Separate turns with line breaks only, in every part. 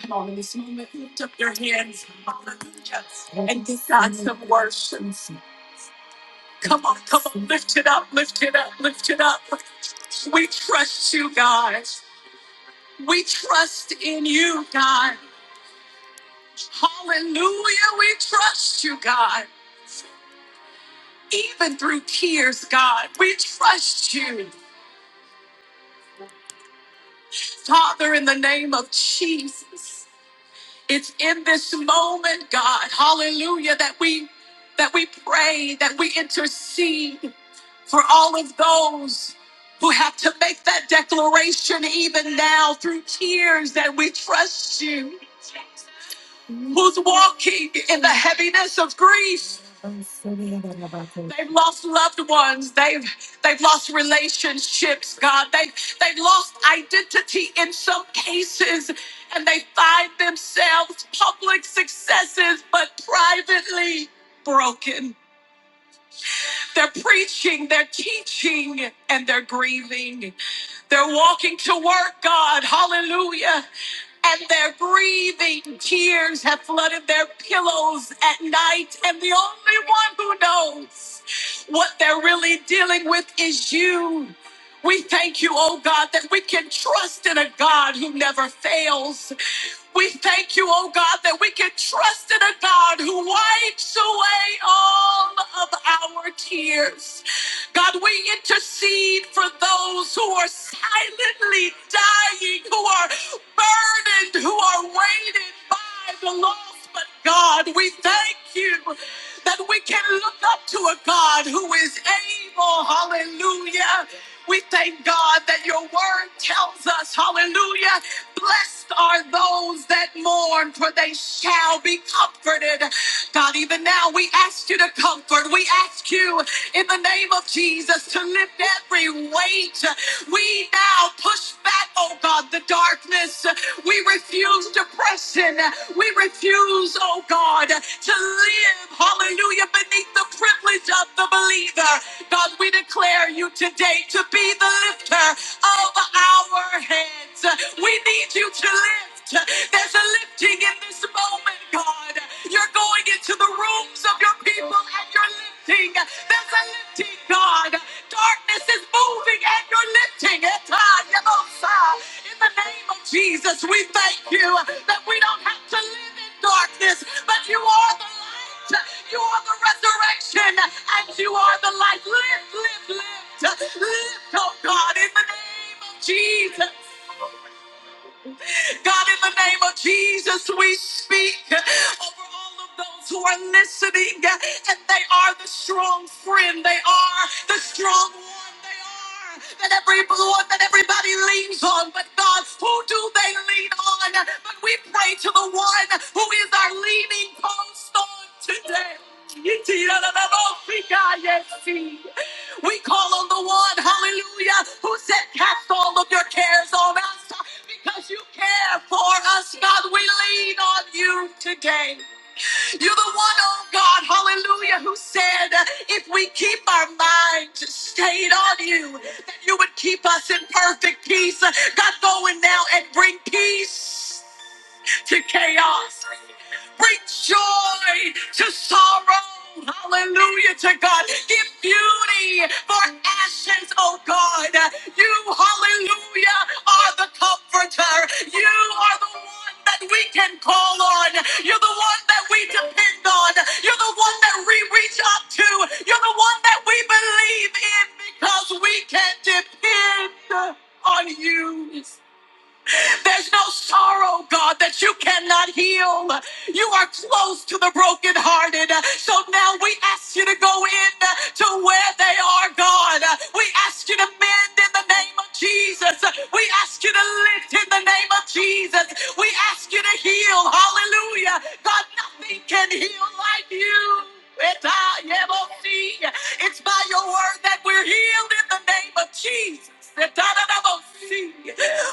Come on, in this moment, lift up your hands. Hallelujah. The worship. Come on, come on. Lift it up, lift it up, lift it up. We trust you, God. We trust in you, God. Hallelujah. We trust you, God. Even through tears, God, we trust you. Father, in the name of Jesus, it's in this moment, God, hallelujah, that we that we pray, that we intercede, for all of those who have to make that declaration even now through tears that we trust you, who's walking in the heaviness of grief. They've lost loved ones, they've they've lost relationships, God. They've they've lost identity in some cases, and they find themselves public successes, but privately broken. They're preaching, they're teaching, and they're grieving. They're walking to work, God, hallelujah. And they're grieving. Tears have flooded their pillows at night. And the only one who knows what they're really dealing with is you. We thank you, oh God, that we can trust in a God who never fails. We thank you, oh God, that we can trust in a God who wipes away all of our tears. God, we intercede for those who are silently dying, who are burdened, who are weighted by the loss. But God, we thank you that we can look up to a God who is able, hallelujah, we thank God that your word tells us, hallelujah, blessed are those that mourn, for they shall be comforted. God, even now we ask you to comfort. We ask you in the name of Jesus to lift every weight. We now push back, oh God, the darkness. We refuse depression oppression. We refuse, oh God, to live, hallelujah, beneath the privilege of the believer. God, we declare you today to be the lifter of our heads. We need you to lift. There's a lifting in this moment, God. You're going into the rooms of your people and you're lifting. There's a lifting, God. Darkness is moving and you're lifting it. Ah, Yebosa in the name of Jesus, we thank you that we don't have to live in darkness, but you are the light, you are the resurrection, and you are the life. Lift, lift, lift, lift, oh God, in the name of Jesus. God, in the name of Jesus, we speak over all of those who are listening, and they are the strong friend, they are the strong one, they are that every one that everybody leans on. But God, who do they lean on? But we pray to the one who is our leaning post on today. We call on the one, hallelujah, who said, Cast all of your cares on us because you care for us, God. We lean on you today. You're the one, oh God, hallelujah, who said, If we keep our minds stayed on you, that you would keep us in perfect peace. God, go in now and bring peace to chaos. Bring joy to sorrow. Hallelujah to God. Give beauty for ashes, oh God. You, hallelujah, are the comforter. You are the one that we can call on. You're the one that we depend on. You're the one that we reach up to. You're the one that we believe in because we can depend on you. There's no sorrow, God, that you cannot heal. You are close to the brokenhearted. So now we ask you to go in to where they are, God. We ask you to mend in the name of Jesus. We ask you to lift in the name of Jesus. We ask you to heal. Hallelujah. God, nothing can heal like you. It's by your word that we're healed in the name of Jesus.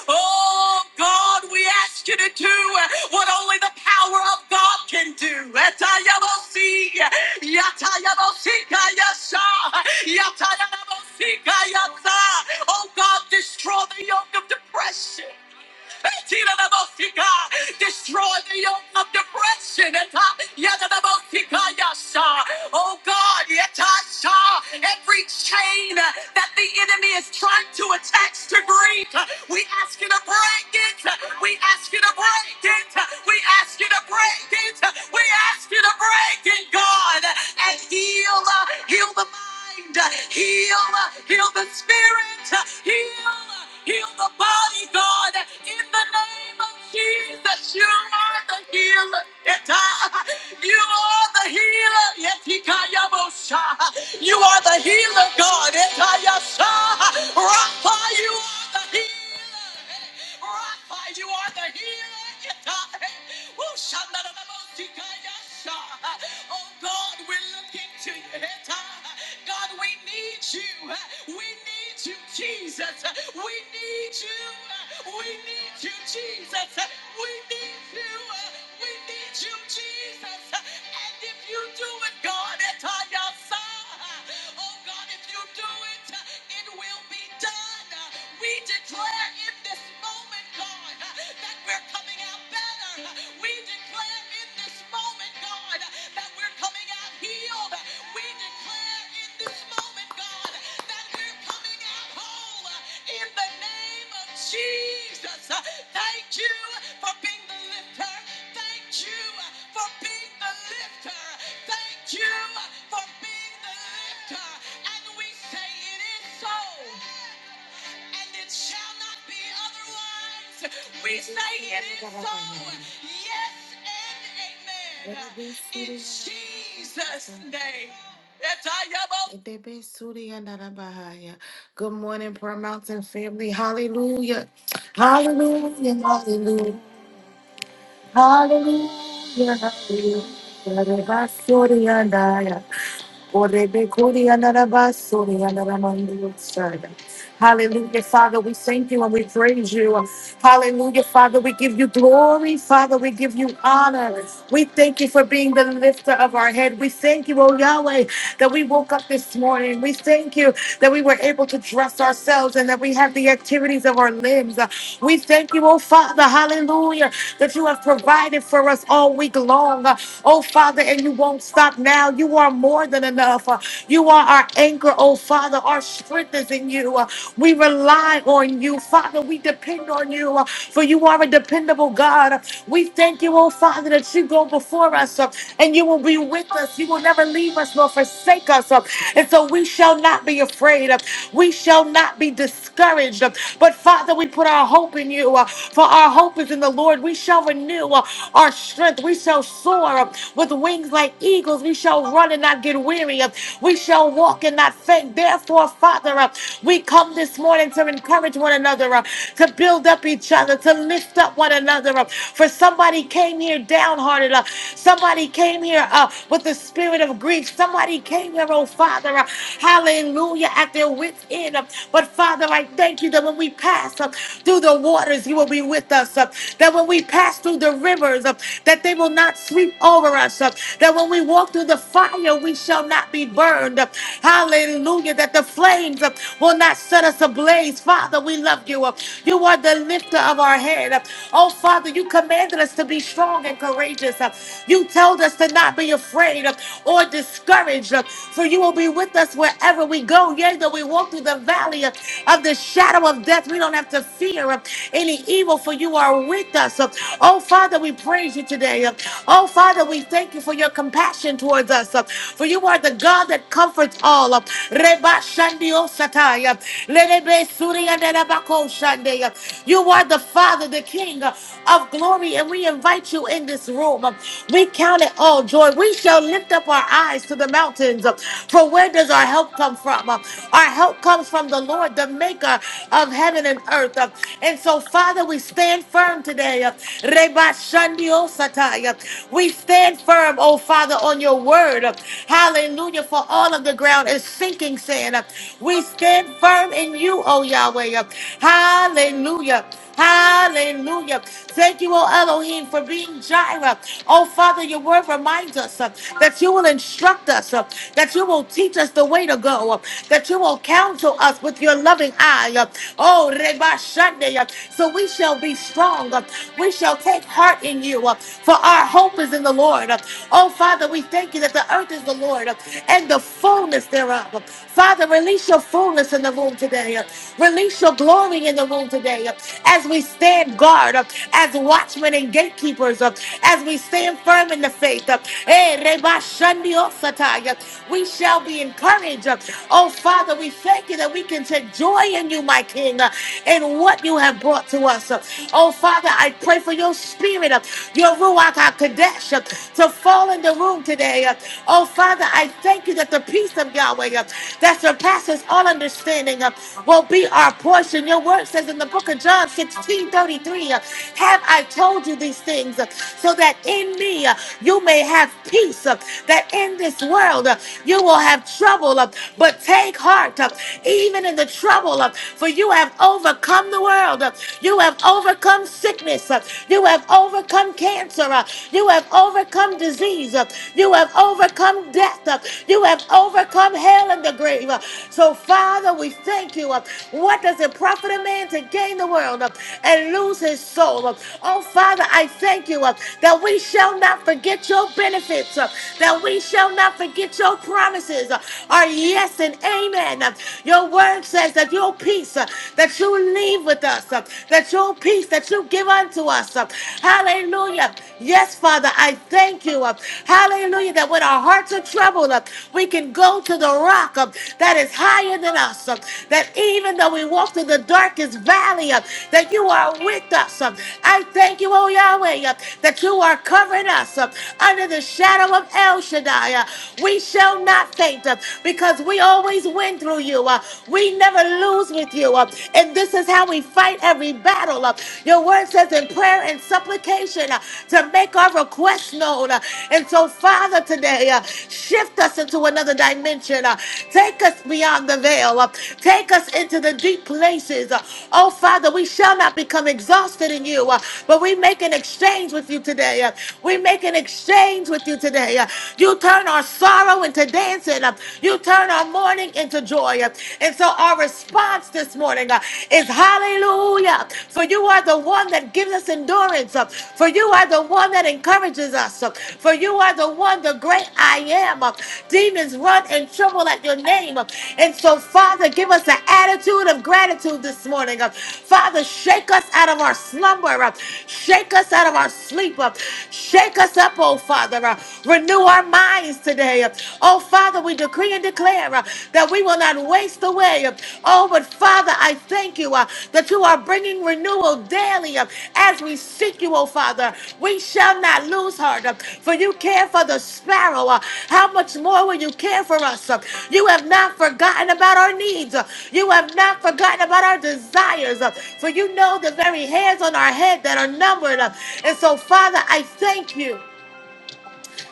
Oh God, we ask you to do what only the power of God can do. Etayabosi, yatayabosika yasa, yatayabosika yasa. Oh God, destroy the yoke of depression. Destroy the yoke of depression. Oh God, yatasha. every chain that the enemy is trying to attach to Greek, we ask you to break it. We ask you to break it. We ask you to break it. We ask you to break it, God, and heal, uh, heal the mind, heal uh, Heal the spirit. Heal, heal the body, God. In the name of Jesus, you are the healer. Yeta. You are the healer. Yetikayabosha. You are the healer, God. Etayasha, Rapha, you are the healer. Rapha, you are the healer. Yeta. Woo, shandarabosika, yasha. Oh God, we're looking to you. God, we need you. We need you, Jesus. We need you. We need you, Jesus. We need you. We need you, Jesus. And if you do it, God, it's on your side. Oh God, if you do it, it will be done. We declare in this moment, God, that we're we're coming out better. We declare in this moment, God, that we're coming out healed. We declare in this moment, God, that we're coming out whole. In the name of Jesus, thank you for being the lifter. Thank you for being the lifter. Thank you for being the lifter. And we say it is so and it shall not be otherwise. We say it is so. Yes and amen. Jesus' name. That's how y'all being the lifter of our head. We thank you, O Yahweh, that we woke up this morning. We thank you that we were able to dress ourselves and that we have the activities of our limbs. Uh, We thank you, oh Father, hallelujah, that you have provided for us all week long. Uh, Oh Father, and you won't stop now. You are more than enough. Uh, You are our anchor, oh Father. Our strength is in you. Uh, We rely on you, Father. We depend on you, uh, for you are a dependable God. We thank you, oh Father, that you go before us uh, and you will be with us. You will never leave us nor forsake us. uh, And so we shall not be afraid. uh, We shall not be discouraged. uh, But Father, we put our hope in you, uh, for our hope is in the Lord. We shall renew uh, our strength. We shall soar uh, with wings like eagles. We shall run and not get weary. uh, We shall walk and not faint. Therefore, Father, uh, we come this morning to encourage one another, uh, to build up up each other, to lift up one another up. For somebody came here downhearted. Uh, somebody came here uh, with the spirit of grief. Somebody came here, oh Father, uh, hallelujah, at their wits' end. uh, but Father, I thank you that when we pass uh, through the waters, you will be with us. uh, that when we pass through the rivers, uh, that they will not sweep over us. uh, that when we walk through the fire, we shall not be burned. uh, hallelujah, that the flames uh, will not set us ablaze place. Father, we love you. You are the lifter of our head. Oh, Father, you commanded us to be strong and courageous. You told us to not be afraid or discouraged, for you will be with us wherever we go. Yea, though we walk through the valley of the shadow of death, we don't have to fear any evil, for you are with us. Oh, Father, we praise you today. Oh, Father, we thank you for your compassion towards us, for you are the God that comforts all. Leba shandi osataya. lebe suri andelebako shandeya. You are the Father, the King of glory, and we invite you in this room. We count it all joy. We shall lift up our eyes to the mountains. For where does our help come from? Our help comes from the Lord, the maker of heaven and earth. And so, Father, we stand firm today. Reba shandi osataya. We stand firm, oh Father, on your word. Hallelujah. For all of the ground is sinking sand. We stand firm in you, oh Yahweh. Hallelujah. Hallelujah. Thank you, oh Elohim, for being Jireh. Oh Father, your word reminds us uh, that you will instruct us, uh, that you will teach us the way to go, uh, that you will counsel us with your loving eye. uh, oh, Reba Shande, uh, so we shall be strong. uh, we shall take heart in you, uh, for our hope is in the Lord. uh, Oh, Father, we thank you that the earth is the Lord uh, and the fullness thereof. Father, release your fullness in the room today. uh, Release your glory in the room today uh, as we stand guard, uh, as watchmen and gatekeepers, uh, as we stand firm in the faith. uh, Eh, reba shandi osatai. uh, We shall be encouraged. uh, Oh, Father, we thank you that we can take joy in you, my King, and what you have brought to us. uh, Oh, Father, I pray for your spirit, uh, your Ruach HaKodesh, uh, to fall in the room today. uh. Oh, Father, I thank you that the peace of Yahweh uh, that surpasses all understanding uh, will be our portion. Your word says in the book of John sixteen thirty three: 33, uh, Have I told you these things uh, so that in me uh, you may have peace, uh, that in this world uh, you will have trouble, uh, but take heart, uh, even in the trouble, uh, for you have overcome overcome the world. You have overcome sickness. You have overcome cancer. You have overcome disease. You have overcome death. You have overcome hell and the grave. So, Father, we thank you. What does it profit a man to gain the world and lose his soul? Oh, Father, I thank you that we shall not forget your benefits, that we shall not forget your promises. Our yes and amen. Your word says, that your peace uh, that you leave with us, uh, that your peace that you give unto us. uh, Hallelujah. Yes, Father, I thank you. uh, Hallelujah. That when our hearts are troubled, uh, we can go to the rock uh, that is higher than us. uh, That even though we walk through the darkest valley, uh, that you are with us. uh, I thank you, oh Yahweh, uh, that you are covering us uh, under the shadow of El Shaddai. uh, We shall not faint uh, because we always always win through you. Uh, we never lose with you. Uh, and this is how we fight every battle. Uh, your word says in prayer and supplication uh, to make our requests known. Uh, and so, Father, today, uh, shift us into another dimension. Uh, take us beyond the veil. Uh, take us into the deep places. Uh, oh, Father, we shall not become exhausted in you, uh, but we make an exchange with you today. Uh, we make an exchange with you today. Uh, you turn our sorrow into dancing plans uh, You turn our mourning into joy. uh, And so our response this morning uh, is hallelujah. For you are the one that gives us endurance. uh, For you are the one that encourages us. uh, For you are the one, the great I am. uh, Demons run and tremble at your name. uh, And so, Father, give us an attitude of gratitude this morning. uh, Father, shake us out of our slumber. uh, Shake us out of our sleep. uh, Shake us up, oh Father. uh, Renew our our minds today. Oh, Father, we decree and declare uh, that we will not waste away. Oh, but Father, I thank you uh, that you are bringing renewal daily uh, as we seek you, oh, Father. We shall not lose heart, uh, for you care for the sparrow. uh, How much more will you care for us? uh? You have not forgotten about our needs. uh, You have not forgotten about our desires, uh, for you know the very hairs on our head that are numbered. uh, And so, Father, I thank you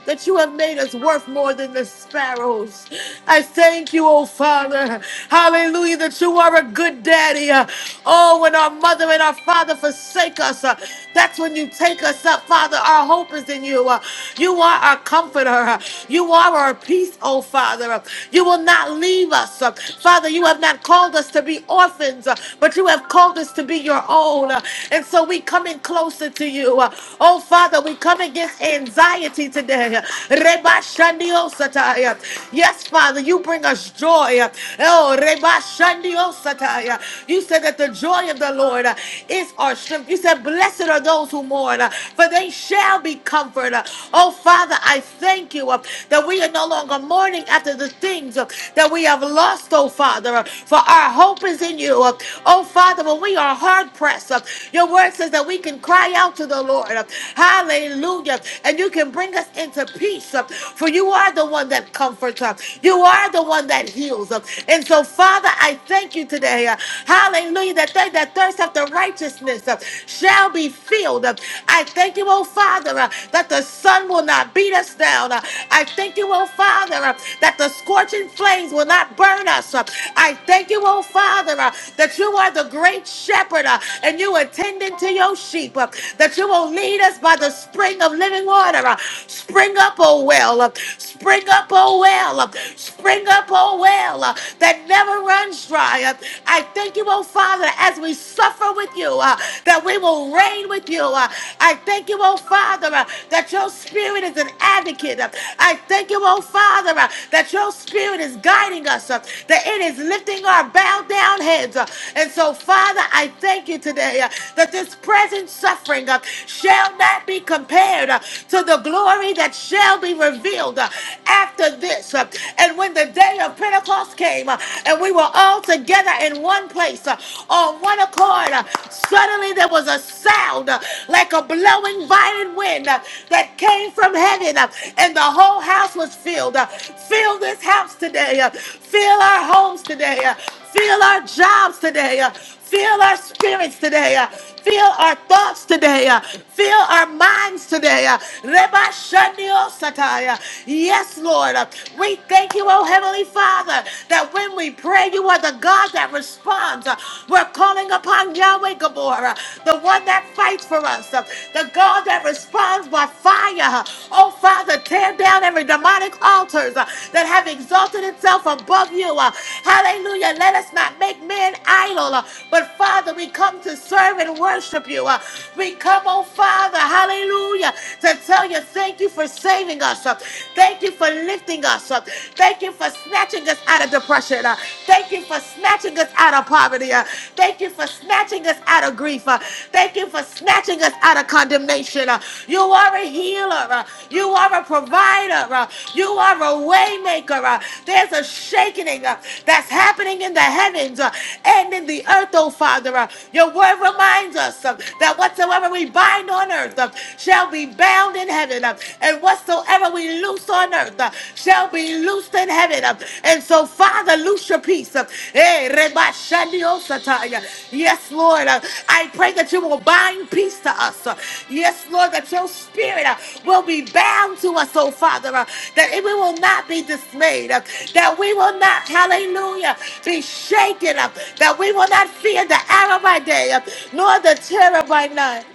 that you have made us worth more than the sparrows. I thank you, oh Father. Hallelujah, that you are a good daddy. Uh, Oh, when our mother and our father forsake us, uh, that's when you take us up, Father. Our hope is in you. Uh, You are our comforter. Uh, You are our peace, oh Father. Uh, You will not leave us. Uh, Father, you have not called us to be orphans, uh, but you have called us to be your own. Uh, And so we come in closer to you. Uh, Oh Father, we come against anxiety liberty today. Reba Shandio Sataya. Yes, Father, you bring us joy. Oh, Reba Shandio Sataya. You said that the joy of the Lord uh, is our strength. You said, Blessed are those who mourn, uh, for they shall be comforted. Oh, Father, I thank you uh, that we are no longer mourning after the things uh, that we have lost, oh, Father, uh, for our hope is in you. uh. Oh, Father, when we are hard pressed, uh, your word says that we can cry out to the Lord. uh, Hallelujah. And you you can bring us into peace. uh, For you are the one that comforts us. You are the one that heals us. And so, Father, I thank you today. uh, Hallelujah. That they that thirst after righteousness uh, shall be filled. Uh, I thank you, oh Father, uh, that the sun will not beat us down. Uh, I thank you, oh Father, uh, that the scorching flames will not burn us. Uh, I thank you, oh Father, uh, that you are the great shepherd uh, and you attending to your sheep, uh, that you will lead us by the spring of living living water. Uh, Spring up, oh well. uh, Spring up, oh well. uh, Spring up, oh well. uh, That never runs dry. Uh, I thank you, oh Father, as we suffer with you, uh, that we will reign with you. Uh, I thank you, oh Father, uh, that your spirit is an advocate. Uh, I thank you, oh Father, uh, that your spirit is guiding us, uh, that it is lifting our bowed down heads. Uh, and so, Father, I thank you today uh, that this present suffering uh, shall not be compared prepared uh, to the glory that shall be revealed uh, after this. Uh, And when the day of Pentecost came uh, and we were all together in one place uh, on one accord, uh, suddenly there was a sound uh, like a blowing violent wind uh, that came from heaven, uh, and the whole house was filled. Uh, Fill this house today, uh, fill our homes today, uh, fill our jobs today. uh, Fill our spirits today. uh, Fill our thoughts today. uh, Fill our minds today. uh, Reba Shandio Sataya. Yes, Lord. uh, We thank you, oh Heavenly Father, that when we pray, you are the God that responds. Uh, We're calling upon Yahweh Gabor, uh, the one that fights for us, uh, the God that responds by fire. Uh, Oh, Father, tear down every demonic altars uh, that that have exalted itself above you. Uh, Hallelujah. Let us not make men idol. uh, But Father, we come to serve and worship you. Uh, We come, oh Father, hallelujah, to tell you thank you for saving us. Uh, Thank you for lifting us up. Thank you for snatching us out of depression. Uh, Thank you for snatching us out of poverty. Uh, Thank you for snatching us out of grief. Uh, Thank you thank you for snatching us out of condemnation. Uh, You are a healer. Uh, You are a provider. Uh, You are a waymaker. Uh, There's a shaking uh, that's happening in the heavens uh, and in the earth, oh Father. Uh, Your word reminds us uh, that whatsoever we bind on earth uh, shall be bound in heaven, uh, and whatsoever we loose on earth uh, shall be loosed in heaven. And so, Father, loose your peace. Eh, reba shandio sataya. Yes, Lord. uh, I pray that you will bind peace to us. uh, Yes, Lord, that your spirit uh, will be bound to us, oh Father, uh, that we will not be dismayed, uh, that we will not, hallelujah, be shaken up, that we will not fear the arrow by day, uh, nor the terror by night.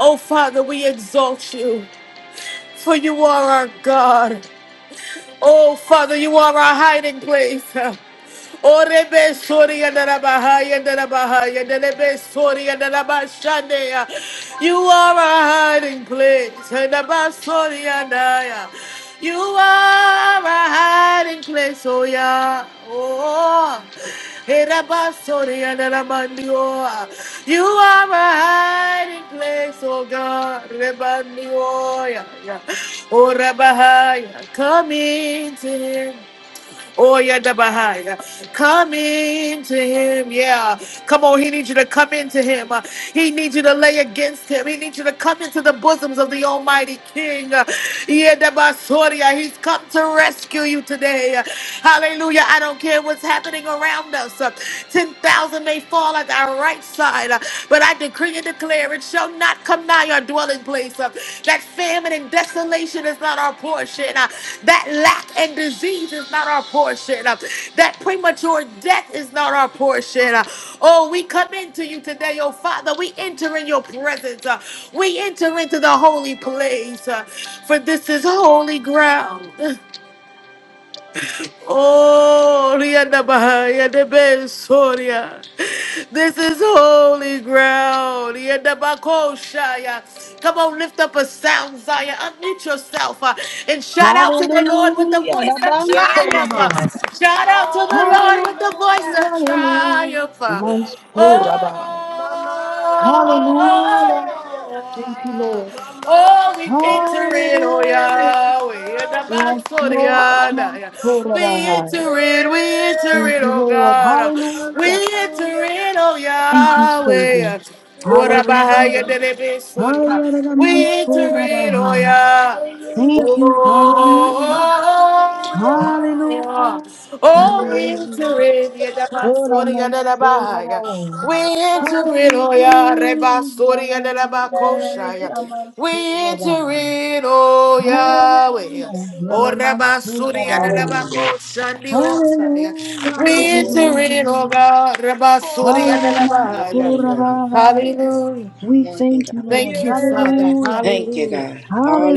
Oh Father, we exalt you, for you are our God. Oh, Father, you are our hiding place. Oh, Rebe Sori and Rabahai and Rabahai and Rebe Sori and Rabashande. You are our hiding place. And Rabasori and I. You are our hiding place. Oh, yeah. Oh. Erabasoriadarabandio. You are my hiding place, oh God. Rebandio. Oh Rabahaya, come into him. Oh, yeah, the Bahaya. Come into him. Yeah. Come on. He needs you to come into him. Uh, He needs you to lay against him. He needs you to come into the bosoms of the Almighty King. Uh, Yeah, the Basoria. He's come to rescue you today. Uh, Hallelujah. I don't care what's happening around us. Uh, 10,000 may fall at our right side, uh, but I decree and declare it shall not come nigh our dwelling place. Uh, That famine and desolation is not our portion. Uh, That lack and disease is not our portion. Uh, That premature death is not our portion. Uh, Oh, we come into you today, oh Father. We enter in your presence. Uh, We enter into the holy place, uh, for this is holy ground. Oh, Rihanna Bahaya, the best, Soria. This is holy ground. Rihanna Bakoshaya. Come on, lift up a sound, Zion. Unmute yourself uh, and shout out to
Hallelujah.
the Lord with the voice
the
of
man's so
triumph.
Yes.
uh.
Rabansorabai.
Shout out to the Lord
Hallelujah.
with the
Hallelujah.
voice of
Hallelujah.
triumph.
the
uh.
Yes,
man's so
uh,
Oh,
Mansorabai.
Mama.
oh,
Hallelujah.
Hallelujah.
oh, oh,
Thank you,
oh.
Lord.
Mama.
Oh, we
Yes.
enter in, oh
Hallelujah.
Yahweh, in the box
Yes,
Hallelujah.
for the
Lord. the
honor.
man's
yeah.
so
Mama.
We
Mansorabai.
enter in, we enter
Thank
in,
Yes.
you,
oh
Lord.
God.
Hallelujah.
We enter
Hallelujah.
in, oh
Thank you,
Mama.
Savior.
Yahweh. Ora
Hallelujah.
bahaya how you
Hallelujah.
did
Hallelujah.
for the honor.
Hallelujah. the man's
We
so
enter in, oh
Mansorabai.
Hallelujah.
Yah.
Thank you.
Hallelujah.
Oh,
Hallelujah. Hallelujah.
oh, we
Hallelujah.
enter in, Yadabasori Yadabahaya.
Oramasurabaya.
We enter in, oh, yeah,
Hallelujah,
Rebasori
Yahweh
Yadabakoshaya. We enter
Yamasurabaya.
in, oh, Yahweh. yeah.
Hallelujah,
Oh,
Hallelujah.
Rabasuri
Yanamasurabaya.
Hallelujah.
Yadabakoshandi, oh,
Hallelujah,
Hallelujah.
In
we
the name of
enter in, oh,
Hallelujah.
Jesus.
God, Rabasori
Come on
Yadabahaya.
in, God.
Hayaremasurabaya.
Hallelujah.
We
Come on in,
thank you,
God.
Lord.
Thank
Yes.
you, Father.
Hallelujah.
Thank you,
Hallelujah.
God.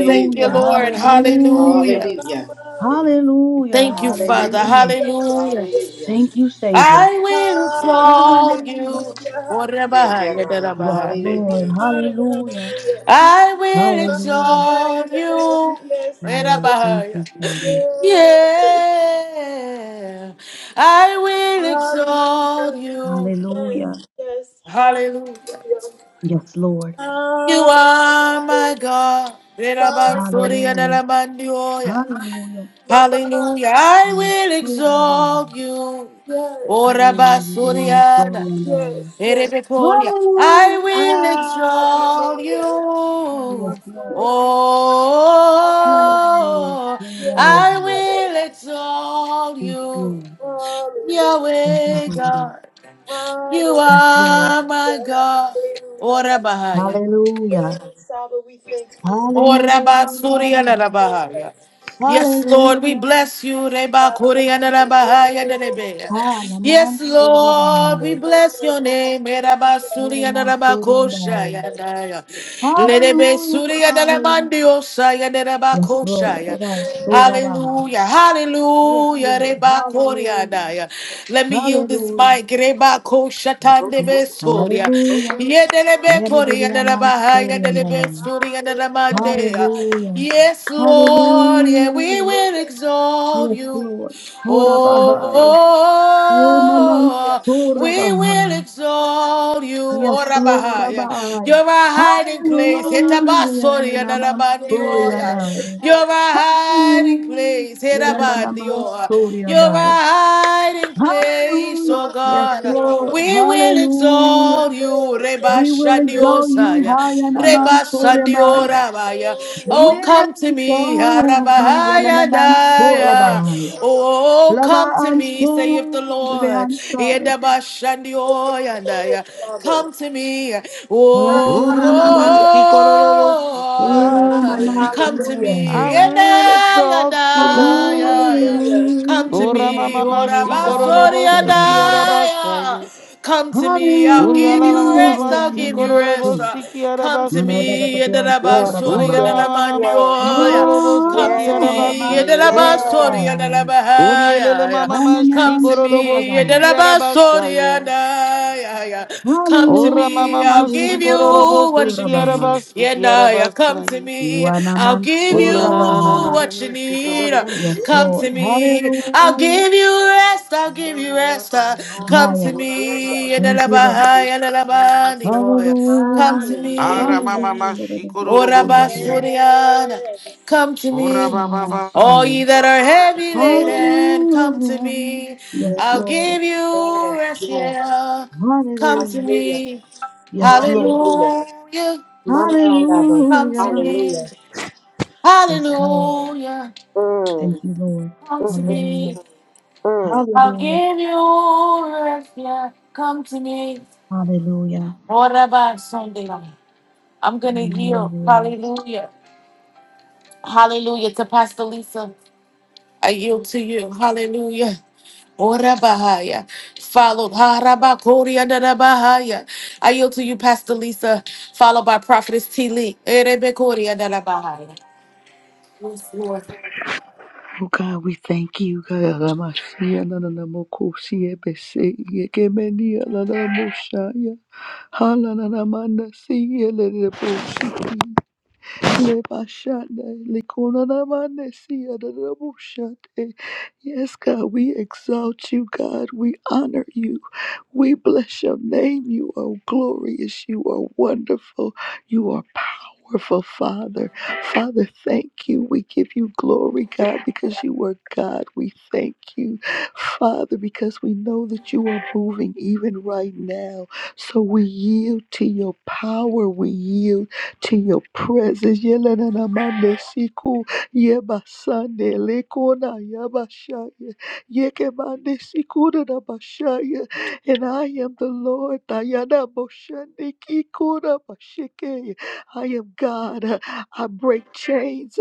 Thank you, Lord.
Hallelujah.
Hallelujah.
hallelujah,
Hallelujah.
Somebody.
hallelujah,
Thank you,
Hallelujah.
Father.
Hallelujah.
hallelujah.
Hallelujah.
Hallelujah.
Hallelujah.
Thank you, Savior.
I
Hallelujah.
will
Thank you.
exalt
Hallelujah.
you.
Hallelujah.
Thank you, God.
Yes,
Orabahayadarabahabe.
Lord.
Hallelujah.
Hallelujah.
Hallelujah.
I will
Hallelujah.
Hallelujah,
Somebody.
exalt
Yes.
you.
Yes.
my
Yes.
Lord. Thank
Orabahaya.
you, Father.
Yes.
Yeah. I will
Hallelujah.
exalt you.
Yes.
Hallelujah.
Yes.
Hallelujah.
Hallelujah.
Yes, Lord.
You are my
Hallelujah.
God.
My,
Hallelujah.
Orabasoriyadarabandioya.
Hallelujah.
my, my.
Hallelujah. I
Mm.
will
Oh, Rabbi.
exalt you.
Yes.
Ora
Oh, yeah, I'm I'm sorry
basuriana.
and I.
Yes, yes.
erebekolia. I
Hallelujah.
will
Hallelujah.
exalt
Oh, yes,
you.
Lord.
Hallelujah.
Oh, Mama,
Oh,
oh,
Yes,
I
Rabbi.
Father.
will exalt
Yes,
you.
Lord.
Hallelujah.
Thank you,
Yahweh
Father.
God. You
Hallelujah.
Yes, Lord.
are my God.
Hallelujah.
Ora bahaya.
Hallelujah.
Yes, Father, we thank you.
Oh Oraba Surya na
Hallelujah.
Hallelujah.
Narabahaya. Yes, Lord, we
Hallelujah.
bless you.
Hallelujah.
Reba
Come
Korea na Nerebea.
Ah,
Yes,
Laman
Lord, we
Surabai.
on,
bless your
hallelujah.
name. Eraba
Yes.
Oh,
Surya na Rabba Kosha
Laman
Hallelujah.
ya na ya, Lerebe
Hallelujah.
Surya na
Hallelujah.
Naramandio Saya
Yes, Lord.
Nerabakosha.
Rabbi, so
Yes.
Rabbi.
Hallelujah
Yes,
hallelujah,
Lord.
reba koria
Hallelujah.
daya. Let me yield this
Hallelujah.
mic, reba ko shatande besoria.
Hallelujah.
Yedelebe koria
Yebediya man
delabahaya
mansuri
delebe
andaya.
soria delamandea.
Hallelujah.
Hallelujah.
Yes, Lord, yeah, we
Hallelujah.
will
Hallelujah.
exalt
Yes,
you.
Lord.
My
Oh,
Horabahaya. Onaman
Hallelujah.
we will
sorabahaya.
exalt you, O
Yes,
Hallelujah.
Lord
Rabahaya.
Rabbi.
You're a hiding
My
place. Hitabasori
Hallelujah.
and
Naman story and
Yes,
Alabandioya.
I.
You're a
Father.
hiding place.
Hallelujah. na-
Yes,
na- Naman
Hitabandioya.
Lord.
story and
You're a
I.
hiding place,
Hallelujah.
My
oh
mind,
Yes,
God.
Lord.
We will
Hallelujah.
exalt you,
Hallelujah.
Reba
Yes,
We will
Lord.
exalt you
Shandiosaya.
high and among
Reba
Maya.
Sandiorabaya.
Hallelujah.
Oh,
We
come
will
to me,
My
exalt
Araba.
you and among
Ayadaya.
Yes,
Torabai.
Father.
Oh,
Lava
come to
and
me, saith the
Stor, the
Lord.
answer.
Yes,
Yedabashandioyandaya.
Father.
Come to me.
Hallelujah.
Hallelujah. My
Oh,
Oh,
among
Oramashikorobosiyarabasaya.
come to
Hallelujah.
I
me.
Torabai.
will exalt
Yedayandaya.
you, Lord.
Hallelujah.
Come to
Hallelujah.
me, Orabasori and
Namaste.
Hallelujah.
I. uh,
Oramamamashikorobosikiyarabasaya.
Come to me, I'll give you rest,
Hallelujah.
I'll give you
Namaste.
rest. uh, Come to
Urialamamamashikorobosikiyarabasaya.
me,
Mandadadadadayan
Yes,
Yedarabasori and
Surabahaya.
yes, yes.
Alamandioya. Come to
Oh,
Yes.
me,
Naman
Uramamamamasukorobosikiarabasaya.
Yedarabasori
Yes.
and
Surabahaya.
Alabahaya. Come
Hananayan
to me, and
Surabahaya.
then about sorry
Urielelelamamamashikorobosikiyarabasaya.
and I, yeah, yeah. come to me, I'll
Hallelujah.
give
Nadadayan
you what you need.
Surabahaya.
Yeah, and I, yeah, come to
Oramamamasukorobosikiarabasikiarabasaya.
me, I'll
Wanaman
give
Amen.
you
Surabahaya.
what you
Hallelujah. Glory,
Hallelujah.
need.
Yes,
Come to
Lord.
me, I'll
Hallelujah.
give you rest, I'll give
My,
you
my.
rest. Uh, Come to
Maya.
Hallelujah.
me, and then
Thank you,
about
Lord.
high, and then about the oil. come to
Hallelujah.
me.
Hallelujah.
Hallelujah. Let it not
Ora
slow down.
basuriana,
Yes.
come to me.
When I'm on
All ye
fire.
that
My,
are
my.
heavy
Hallelujah.
laden, come to
Hallelujah.
me.
Yes,
I'll
Yes.
Lord.
give you
Yes.
rest,
Yes.
yeah. Come to
Hallelujah.
Hallelujah.
me.
Yes, Lord.
Hallelujah.
Hallelujah.
My, my, Abba.
Come to
Hallelujah.
Hallelujah.
me.
Yes, Lord.
Hallelujah.
Mm.
Thank you, Lord.
Come to
Hallelujah.
me.
Mm.
I'll
Hallelujah.
give you rest, yeah. Come to me.
Hallelujah.
What about Sunday? I'm going to yield.
Hallelujah.
Hallelujah. Hallelujah to Pastor Lisa. I yield to you. Hallelujah. Ora Bahaya. Followed Haraba Koria Dada Bahaya. I yield to you, Pastor Lisa, followed by Prophetess T. Lee. Erebe Koria Dada Bahaya. Yes, Lord.
Oh God, we thank you. God, Karamasia nananamokosi ebese yekemeni alanamoshaya. Halananamanda siye lelebosi. Lebashanda likonanamande siya nananamoshate. Yes, God, we exalt you, God. We honor you. We bless your name. You are glorious. You are wonderful. You are powerful, Father. Father, thank you. We give you glory, God, because you are God. We thank you, Father, because we know that you are moving even right now. So we yield to your power. We yield to your presence. Yelenanamande siku, yebasande lekona yabashaya, yekemande siku dadabashaya and I am the Lord. Diana Moshandiki Kura Mashike. I am God. I break chains.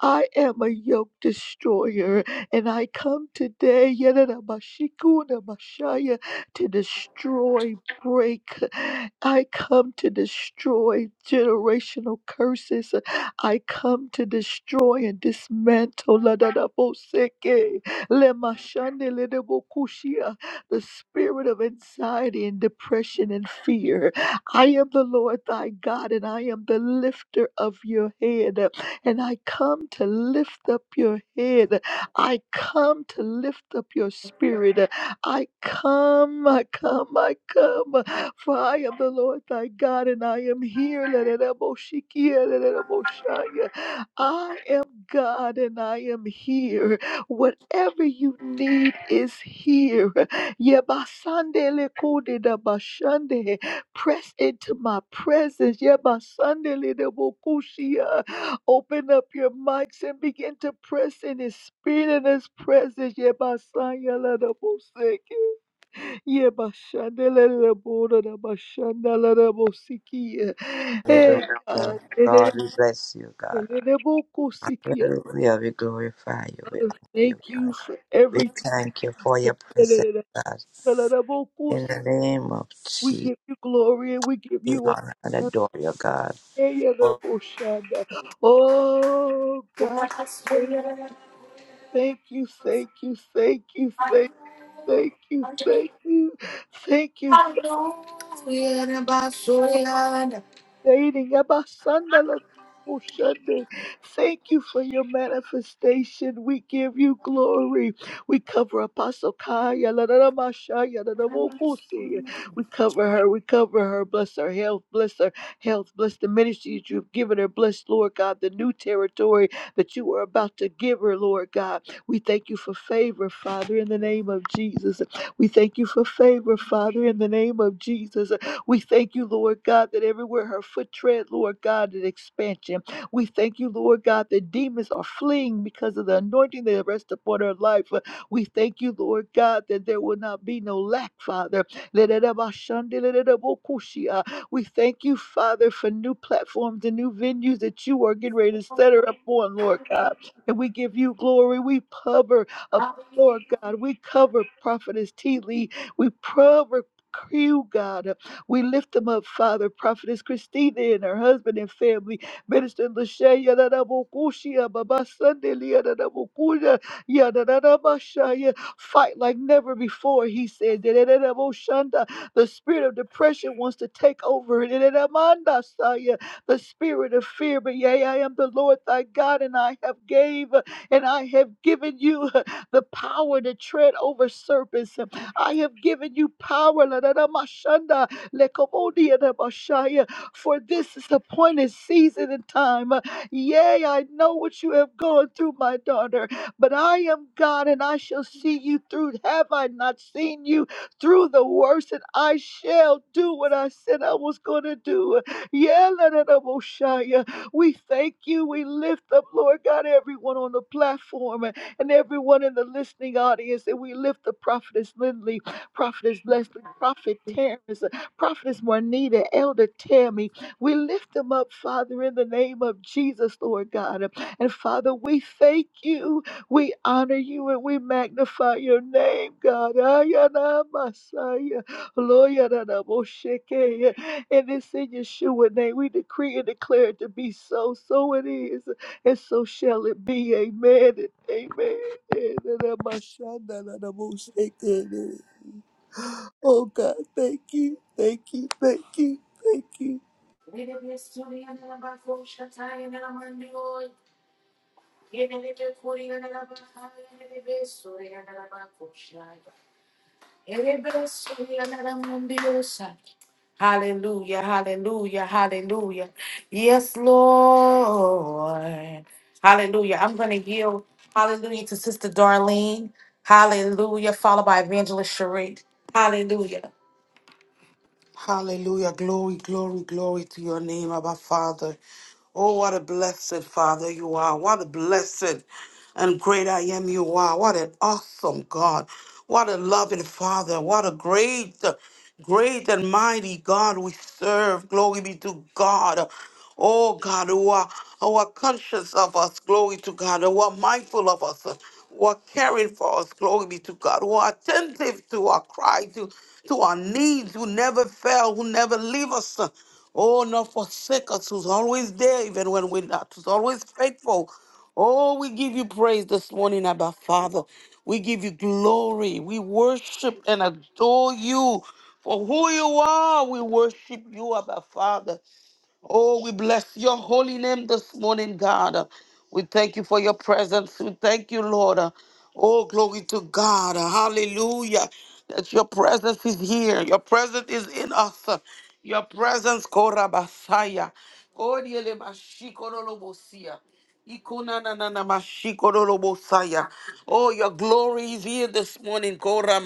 I am a yoke destroyer. And I come today Yadada Mashikuna Mashaya, to destroy, break. I come to destroy generational curses. I come to destroy and dismantle. Ladada Boseke. Lemashande Ledebokushia the spirit of anxiety and depression and fear. I am the Lord thy God, and I am the lifter of your head. And I come to lift up your head. I come to lift up your spirit. I come, I come, I come. For I am the Lord thy God, and I am here. I am God, and I am here. Whatever you need is here. Yebasandele kodeda bashande. Press into my presence. Yebasandele de bokushia. Open up your mics and begin to press in his spirit and his presence. Yebasanyala de boseke. Yebashandele de boda de bashandala de bosikia.
Hallelujah.
Hey God.
God,
Ele-
we bless you, God.
ele de bokusikia.
Hallelujah. We glorify you. We honor
Thank
you,
you
God.
for
We
everything.
thank you for your presence, God. In the name of
We
Jesus,
give you glory and we give
we
you
honor and
honor.
adore you, God.
Eyalaboshanda. Oh God, thank thank you, thank you, thank you, thank Thank you, thank you, thank you, thank you, Thank you for your manifestation. We give you glory. We cover Apostle Kaya. We cover her. We cover her. Bless her health. Bless her health. Bless the ministry that you've given her. Bless, Lord God, the new territory that you are about to give her, Lord God. We thank you for favor, Father, in the name of Jesus. We thank you for favor, Father, in the name of Jesus. We thank you, Lord God, that everywhere her foot tread, Lord God, that expansion. We thank you, Lord God, that demons are fleeing because of the anointing that rests upon her life. Uh, We thank you, Lord God, that there will not be no lack, Father. We thank you, Father, for new platforms and new venues that you are getting ready to set her up on, Lord God. And we give you glory. We cover a Lord God, we cover Prophetess T. Lee. We cover you, God. We lift them up, Father, Prophetess Christina and her husband and family, Minister Lashaya Nanabokushia, Baba Sunday Lianabokuya, Yananamashaya. Fight like never before, he said. Yadadadaboshanda. The spirit of depression wants to take over. Yadadamandasaya. The spirit of fear, but yea, I am the Lord thy God, and I have gave and I have given you the power to tread over serpents. I have given you power. la-da-da-ma-shanda, Lekomodia da Bashaya, For this is appointed season and time. Yea, I know what you have gone through, my daughter, but I am God and I shall see you through. Have I not seen you through the worst? And I shall do what I said I was going to do. Yeah, la, da, da, Boshaya. we thank you. We lift up, Lord God, everyone on the platform and everyone in the listening audience. And we lift the prophetess Lindley, prophetess Leslie, prophet Terrence. Prophetess Juanita, Elder Tammy, we lift them up, Father, in the name of Jesus, Lord God. And Father, we thank you, we honor you, and we magnify your name, God. Ayana Masaya, Loyana Mosheke. And it's in Yeshua name. We decree and declare it to be so. So it is, and so shall it be. Amen. and Amen. And, uh, uh, Mosheke. Oh God, thank you, thank you, thank you, thank you.
Erebe Suri Dada Bako Shataya Dada Mandioi. Erebe Koria Dada Bahaya. Erebe Suri Dada Bako Shaya. Hallelujah, hallelujah, hallelujah. Yes, Lord. Hallelujah. I'm going to yield, hallelujah, to Sister Darlene. Hallelujah, followed by Evangelist Cherie. Hallelujah.
glory, glory to your name, Abba Father. Oh, what a blessed Father you are. What a blessed and great I am you are. What an awesome God. What a loving Father. What a great, great and mighty God we serve. Glory be to God. oh God, who are, who are conscious of us, glory to God, who are mindful of us, who are caring for us, glory be to God, who are attentive to our cry, to, to our needs, who never fail, who never leave us. Oh, not forsake us, who's always there, even when we're not, who's always faithful. Oh, we give you praise this morning, Abba Father. We give you glory. We worship and adore you for who you are. We worship you, Abba Father. Oh, we bless your holy name this morning, God. Uh, We thank you for your presence. We thank you, Lord. Uh, Oh, glory to God. Uh, Hallelujah. That your presence is here. Your presence is in us. Uh, Your presence, Korabasaya. Koriele mashikorolobosia. Ikunananamashikorolobosaya. Oh, your glory is here this morning, Kora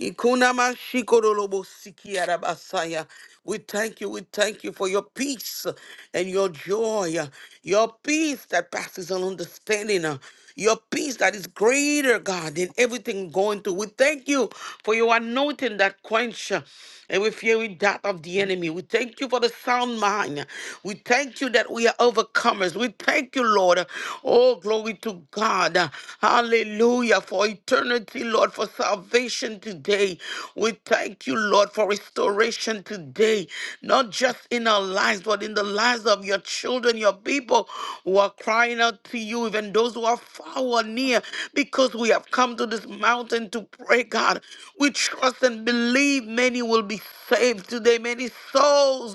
Ikunamashikorolobosikiarabasaya. We thank you. We thank you for your peace and your joy, uh, your peace that passes all understanding, uh, your peace that is greater, God, than everything going through. We thank you for your for your anointing that quench uh, every fiery dart of the enemy. We thank you for the sound mind. We thank you that we are overcomers. We thank you, Lord. Oh, glory to God. Hallelujah. For eternity, Lord, for salvation today. We thank you, Lord, for restoration today. Not just in our lives, but in the lives of your children, your people who are crying out to you, even those who are far or near, because we have come to this mountain to pray, God. We trust and believe many will be saved today. Many souls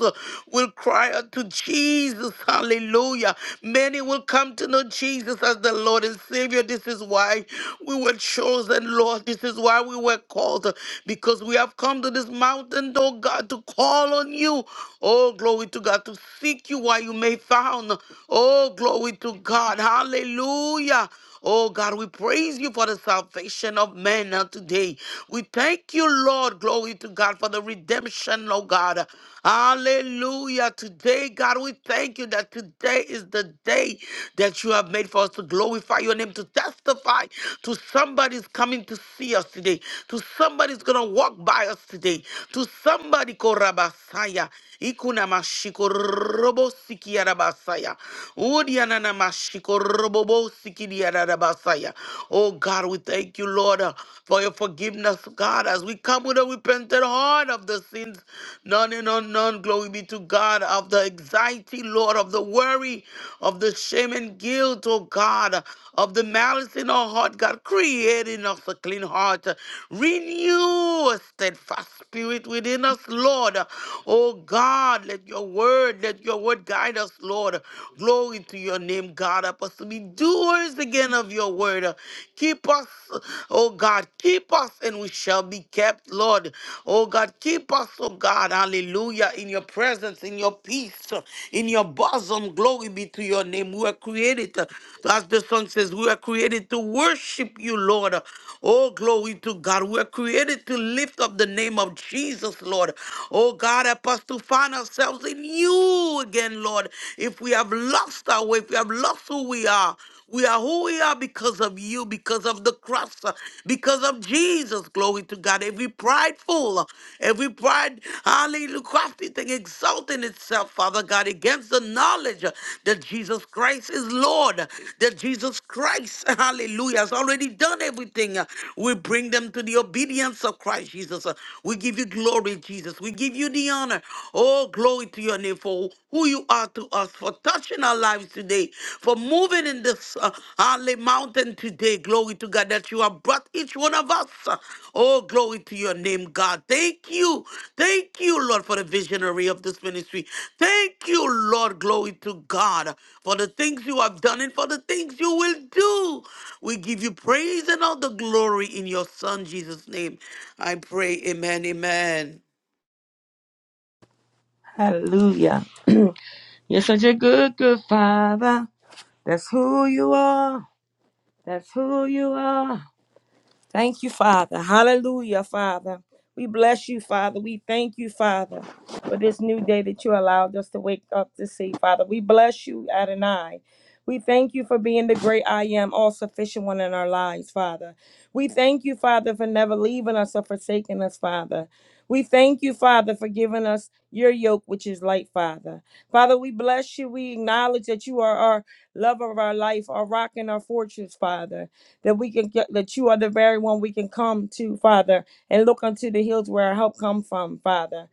will cry out to Jesus. Hallelujah. Many will come to know Jesus as the Lord and Savior. This is why we were chosen, Lord. This is why we were called because we have come to this mountain, oh God, to call on you. Oh, glory to God, to seek you while you may found. Oh, glory to God. Hallelujah. Oh God, we praise you for the salvation of men now today. We thank you, Lord. Glory to God for the redemption, oh God. Hallelujah. Today, God, we thank you that today is the day that you have made for us to glorify your name, to testify to somebody's coming to see us today, to somebody's going to walk by us today, to somebody, Korabasaya, Ikunamashiko, Robo Udianana mashiko robobo sikidianana basaya. Oh God, we thank you, Lord, uh, for your forgiveness, God, as we come with a repentant heart of the sins, none and unknown. Glory be to God, of the anxiety, Lord, of the worry of the shame and guilt, oh God, of the malice in our heart, God, create in us a clean heart. Renew a steadfast spirit within us, Lord. Oh God, let your word, let your word guide us, Lord. Glory to your name, God. Help us to be doers again of your word. Keep us, oh God, keep us and we shall be kept, Lord. Oh God, keep us, oh God, hallelujah, in your presence, in your peace, in your bosom. Glory be to your name. We are created, uh, as the song says, we are created to worship you, Lord. Oh, glory to God. We are created to lift up the name of Jesus, Lord. Oh God, help us to find ourselves in you again, Lord. If we have lost our way, if we have lost who we are. We are who we are because of you, because of the cross, uh, because of Jesus. Glory to God. Every prideful, uh, every pride, hallelujah, crafty thing exalting itself, Father God, against the knowledge uh, that Jesus Christ is Lord, that Jesus Christ, hallelujah, has already already done everything. Uh, We bring them to the obedience of Christ Jesus. Uh, We give you glory, Jesus. We give you the honor. Oh, glory to your name for who you are to us, for touching our lives today, for moving in this uh, holy mountain today. Glory to God that you have brought each one of us. Uh, Oh, glory to your name, God. Thank you. Thank you, Lord, for the visionary of this ministry. Thank you, Lord. Glory to God uh, for the things you have done and for the things you will do. We give you praise and all the glory in your Son, Jesus' name. I pray, Amen, Amen.
Hallelujah. You're such a good, good father. That's who you are. That's who you are. Thank you, Father. Hallelujah, Father. We bless you, Father. We thank you, Father, for this new day that you allowed us to wake up to see, Father. We bless you, Adonai. We thank you for being the great I am, all sufficient one in our lives, Father. We thank you, Father, for never leaving us or forsaking us, Father. We thank you, Father, for giving us your yoke, which is light, Father. Father, we bless you. We acknowledge that you are our love of our life, our rock and our fortress, Father that we can get that you are the very one we can come to, Father, and look unto the hills where our help come from, Father.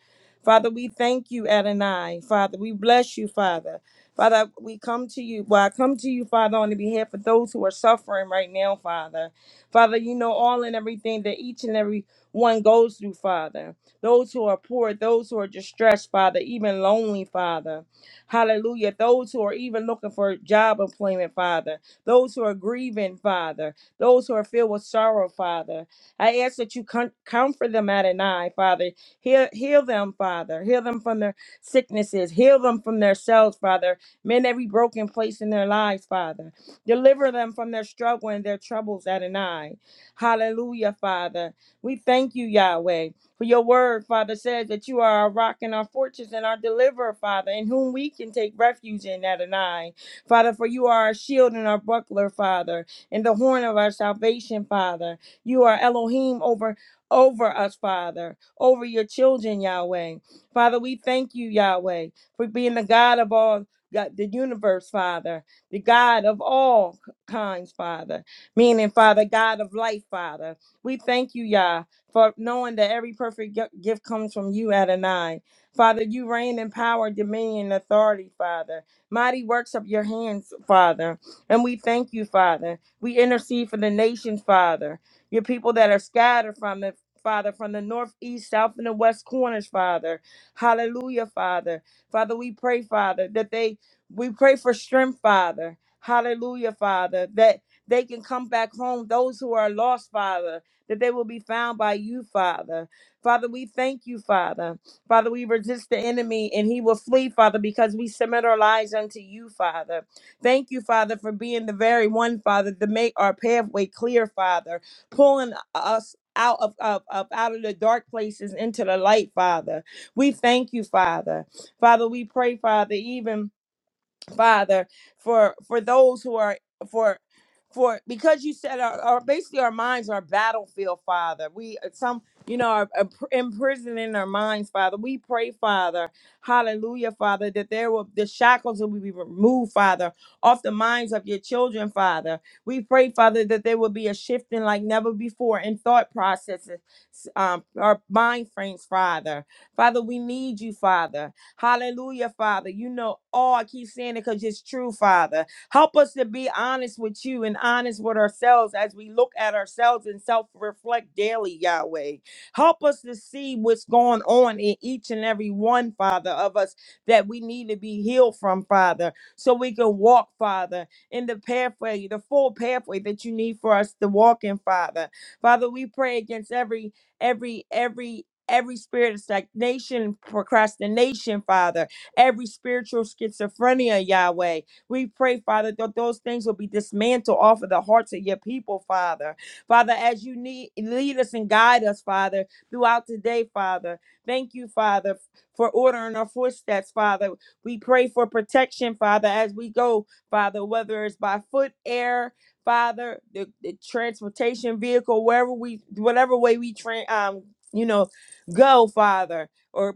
Father, we thank you, Adonai. Father, we bless you, Father. Father, we come to you. Well, I come to you, Father, on the behalf of those who are suffering right now, Father. Father, you know all and everything that each and every one goes through, Father. Those who are poor, those who are distressed, Father, even lonely, Father. Hallelujah. Those who are even looking for job employment, Father. Those who are grieving, Father those who are filled with sorrow, Father. I ask that you com- comfort them at and I, Father. Heal, heal them, Father. Heal them from their sicknesses. Heal them from their selves, Father. Mend every broken place in their lives, Father. Deliver them from their struggle and their troubles at and I. Hallelujah, Father. We thank you, Yahweh. For your word, Father, says that you are our rock and our fortress and our deliverer, Father, in whom we can take refuge in Adonai. Father, for you are our shield and our buckler, Father and the horn of our salvation, Father. You are Elohim over over us, Father, over your children, Yahweh. Father, we thank you, Yahweh, for being the God of all God, the universe, Father, the God of all kinds, Father, meaning, Father, God of life, Father. We thank you, Yah, for knowing that every perfect gi- gift comes from you, Adonai. Father, you reign in power, dominion, and authority, Father. Mighty works of your hands, Father. And we thank you, Father. We intercede for the nations, Father. Your people that are scattered from it, Father, from the north, east, south, and the west corners, Father. Hallelujah, Father. Father, we pray, Father, that they, we pray for strength, Father. Hallelujah, Father, that they can come back home. Those who are lost, Father, that they will be found by you, Father. Father, we thank you, Father. Father, we resist the enemy and he will flee, Father, because we submit our lives unto you, Father. Thank you, Father, for being the very one, Father, to make our pathway clear, Father, pulling us out of, of, of out of the dark places into the light, Father. We thank you, Father. Father, we pray, Father, even Father, for for those who are for for because you said our, our basically our minds are a battlefield, Father. We uh, some you know are, are pr- imprisoned in our minds, Father. We pray, Father, Hallelujah, Father, that there will the shackles will be removed, Father, off the minds of your children, Father. We pray, Father, that there will be a shifting like never before in thought processes, um, our mind frames, Father. Father, we need you, Father. Hallelujah, Father. You know all. I keep saying it because it's true, Father. Help us to be honest with you and honest with ourselves as we look at ourselves and self reflect daily, Yahweh. Help us to see what's going on in each and every one, Father, of us that we need to be healed from, Father, so we can walk, Father, in the pathway, the full pathway that you need for us to walk in, Father. Father, we pray against every every every every spirit of stagnation, procrastination, Father, every spiritual schizophrenia, Yahweh. We pray, Father, that those things will be dismantled off of the hearts of your people, Father. Father, as you need lead us and guide us, Father, throughout today, Father. Thank you, Father, for ordering our footsteps, Father. We pray for protection, Father, as we go, Father, whether it's by foot, air, Father, the, the transportation vehicle, wherever we, whatever way we train, um, you know, Go, Father, or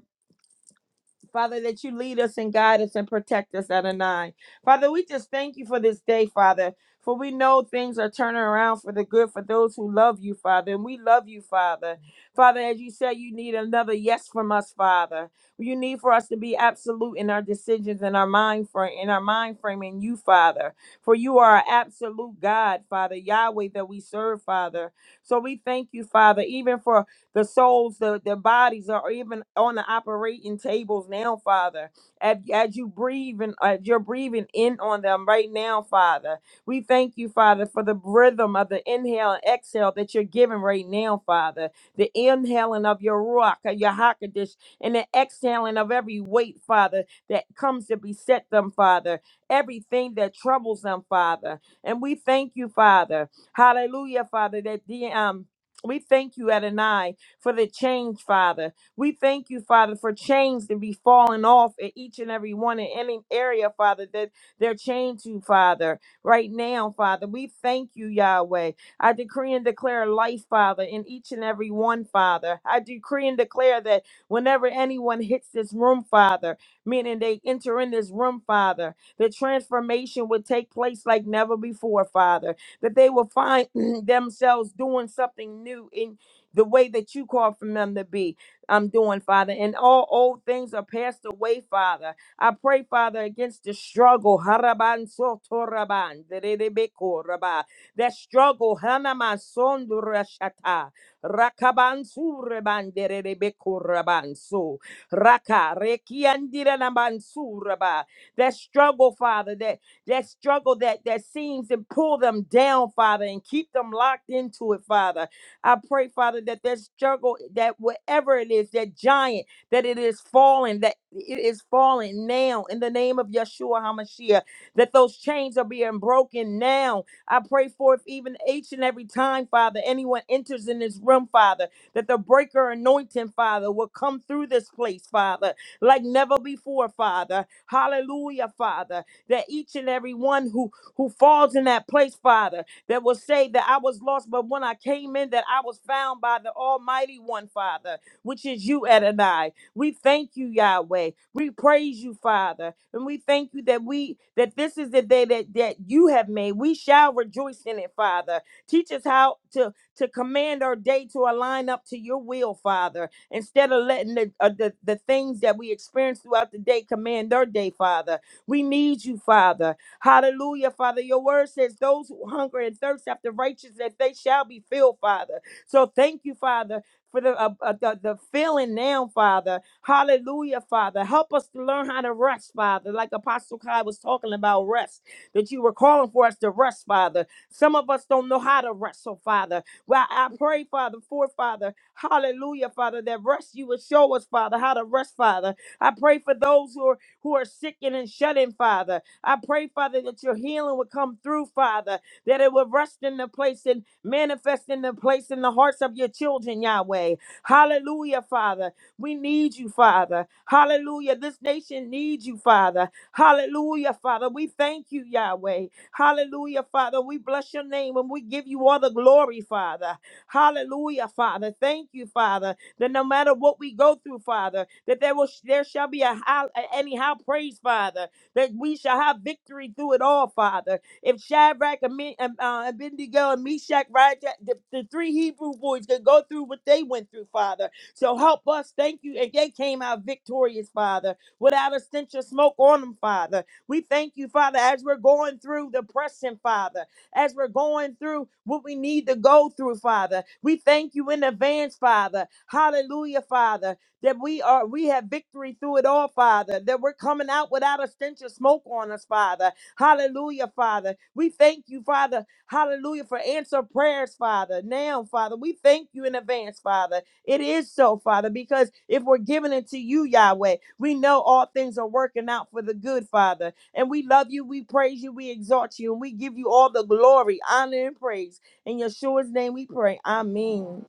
Father, that you lead us and guide us and protect us at a nine. Father, we just thank you for this day, Father, for we know things are turning around for the good for those who love you, Father, and we love you, Father. Father, as you said, you need another yes from us, Father. You need for us to be absolute in our decisions and our mind frame, in our mind frame in you, Father. For you are our absolute God, Father, Yahweh that we serve, Father. So we thank you, Father, even for the souls, the, the bodies are even on the operating tables now, Father. As, as you breathe and as you're breathing in on them right now, Father. We thank you, Father, for the rhythm of the inhale and exhale that you're giving right now, Father. The inhaling of your rock, your hakadish, and the exhaling of every weight, Father, that comes to beset them, Father. Everything that troubles them, Father. And we thank you, Father. Hallelujah, Father, that the um we thank you, Adonai for the change, Father. We thank you, Father, for change to be falling off in each and every one in any area, Father, that they're chained to, Father, right now, Father. We thank you, Yahweh. I decree and declare life, Father, in each and every one, Father. I decree and declare that whenever anyone hits this room, Father, meaning they enter in this room, Father, the transformation would take place like never before, Father. That they will find themselves doing something new in the way that you call for them to be. I'm doing, Father. And all old things are passed away, Father. I pray, Father, against the struggle. Haraban sotoraban, derebekoraba. That struggle. Hanaman sondurashata. Rakaban sureban, derebekoraban. So, Raka, rekiandiranaban suraba. That struggle, Father, that, that struggle that, that seems to pull them down, Father, and keep them locked into it, Father. I pray, Father, that that struggle, that whatever it is, that giant, that it is falling, that it is falling now in the name of Yeshua HaMashiach, that those chains are being broken now. I pray for if even each and every time, Father, anyone enters in this room, Father, that the breaker anointing, Father, will come through this place, Father, like never before, Father. Hallelujah, Father, that each and every one who who falls in that place, Father that will say that I was lost, but when I came in, that I was found by the Almighty One, Father, which is you, Adonai. We thank you, Yahweh. We praise you, Father, and we thank you that we that this is the day that that you have made. We shall rejoice in it, Father. Teach us how to to command our day to align up to your will, Father, instead of letting the uh, the, the things that we experience throughout the day command our day, Father. We need you, Father. Hallelujah, Father. Your word says those who hunger and thirst after righteousness, they shall be filled, Father. So thank you, Father. For the, uh, uh, the the feeling now, Father, Hallelujah, Father, help us to learn how to rest, Father. Like Apostle Kai was talking about rest, that you were calling for us to rest, Father. Some of us don't know how to rest, so Father, well, I pray, Father, for Father, Hallelujah, Father, that rest you would show us, Father, how to rest, Father. I pray for those who are who are sick and shut in, Father. I pray, Father, that your healing would come through, Father, that it would rest in the place and manifest in the place in the hearts of your children, Yahweh. Hallelujah, Father. We need you, Father. Hallelujah. This nation needs you, Father. Hallelujah, Father. We thank you, Yahweh. Hallelujah, Father. We bless your name and we give you all the glory, Father. Hallelujah, Father. Thank you, Father, that no matter what we go through, Father, that there will there shall be a high, any high praise, Father that we shall have victory through it all, Father. If Shadrach, Ami- um, uh, Abednego, and Meshach, right, the, the three Hebrew boys could go through what they went through, Father. So help us. Thank you. And they came out victorious, Father, without a stench of smoke on them, Father. We thank you, Father, as we're going through the pressing, Father as we're going through what we need to go through, Father. We thank you in advance, Father. Hallelujah, Father that we are we have victory through it all, Father, that we're coming out without a stench of smoke on us, Father. Hallelujah, Father. We thank you, Father. Hallelujah for answer prayers, Father. Now, Father, we thank you in advance, Father. It is so, Father, because if we're giving it to you, Yahweh, we know all things are working out for the good, Father. And we love you, we praise you, we exalt you, and we give you all the glory, honor, and praise. In Yeshua's name we pray. Amen.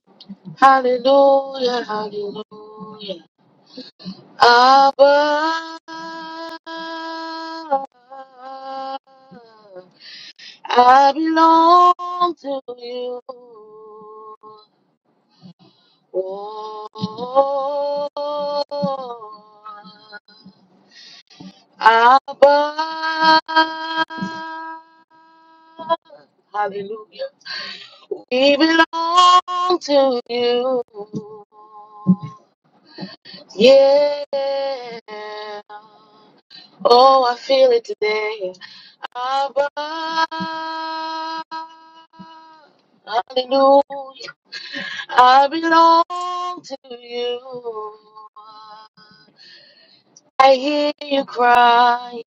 Hallelujah, hallelujah. Abba, I belong to you. Oh, Abba. Hallelujah. We belong to you. Yeah. Oh, I feel it today. Abba. Hallelujah. I belong to you. I hear you crying.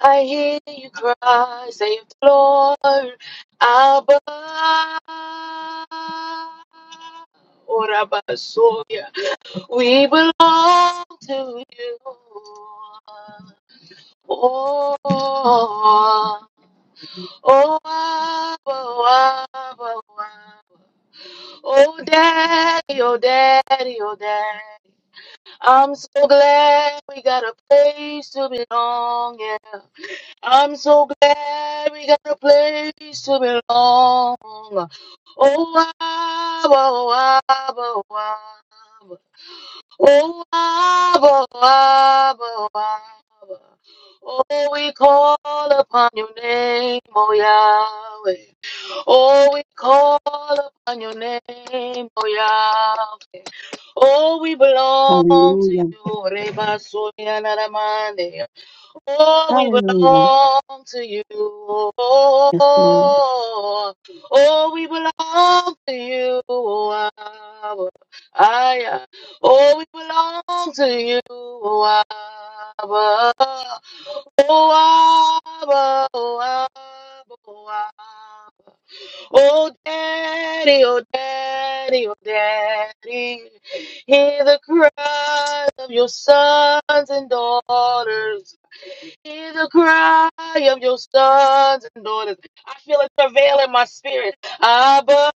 I hear you cry. Save the Lord. Abba. Orabasoya. We belong to you. Oh, oh, oh, Abba, oh, Abba, oh, Abba. Oh, daddy, oh, daddy, oh, daddy. I'm so glad we got a place to belong. I'm so glad we got a place to belong. Oh, Abba, oh, Abba, oh, Abba. Oh, Abba, oh, Abba, oh, Abba. Oh, we call upon your name, oh Yahweh. Oh, we call upon your name, oh Yahweh. Oh, we belong to
Hallelujah.
you, Reba Sonia Oh, we
Hallelujah.
belong to you. Oh,
Yes, Lord.
oh, we belong to you. Oh, Abba. Ah, yeah. oh we belong to you. Oh, Abba. Oh, Abba. Oh, Abba. Oh, Abba. Oh, daddy, oh, daddy, oh, daddy. Hear the cries of your sons and daughters. Hear the cry of your sons and daughters. I feel it travail in my spirit. Abba.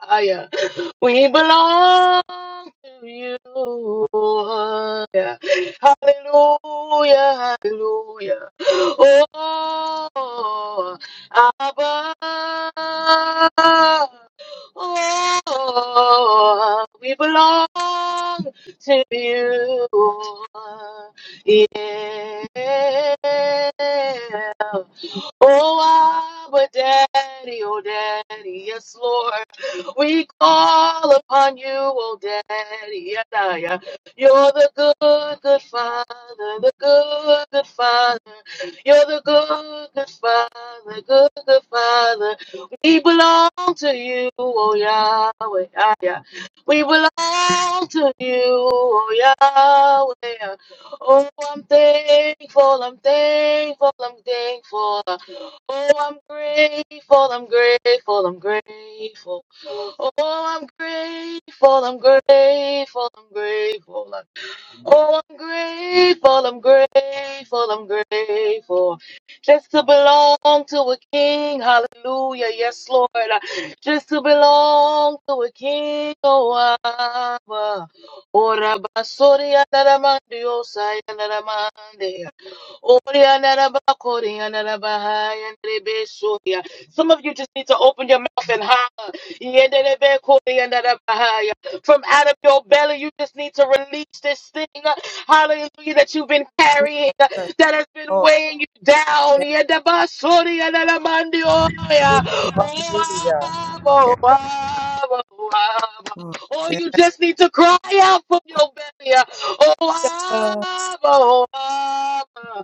Kaya. We belong to you. Lord. Hallelujah, hallelujah. Oh, Abba. Oh, we belong to you. Yeah. Oh, Abba, Daddy, oh, Daddy, yes, Lord. We call upon you, oh Daddy. Yeah, yeah. yeah. You're the good, good Father, the good, good Father. You're the good, good Father, good, good Father. We belong to you, oh Yahweh. Yeah, yeah. We belong to you, oh Yahweh. yeah. Oh, I'm thankful, I'm thankful, I'm thankful. Oh, I'm grateful, I'm grateful, I'm grateful. Oh, I'm grateful, I'm grateful, I'm grateful. Oh, I'm grateful, I'm grateful, I'm grateful. Just to belong to a king, hallelujah, yes, Lord. Just to belong to a king, oh, Abba. Oh, Rabba, sorry, some of you just need to open your mouth and holler. From out of your belly, you just need to release this thing. Hallelujah, that you've been carrying, that has been weighing you down.
Yes, Lord.
Hallelujah.
Yes, Lord.
Or you just need to cry out from your belly. Oh,
Oh,
Abba, oh, Abba.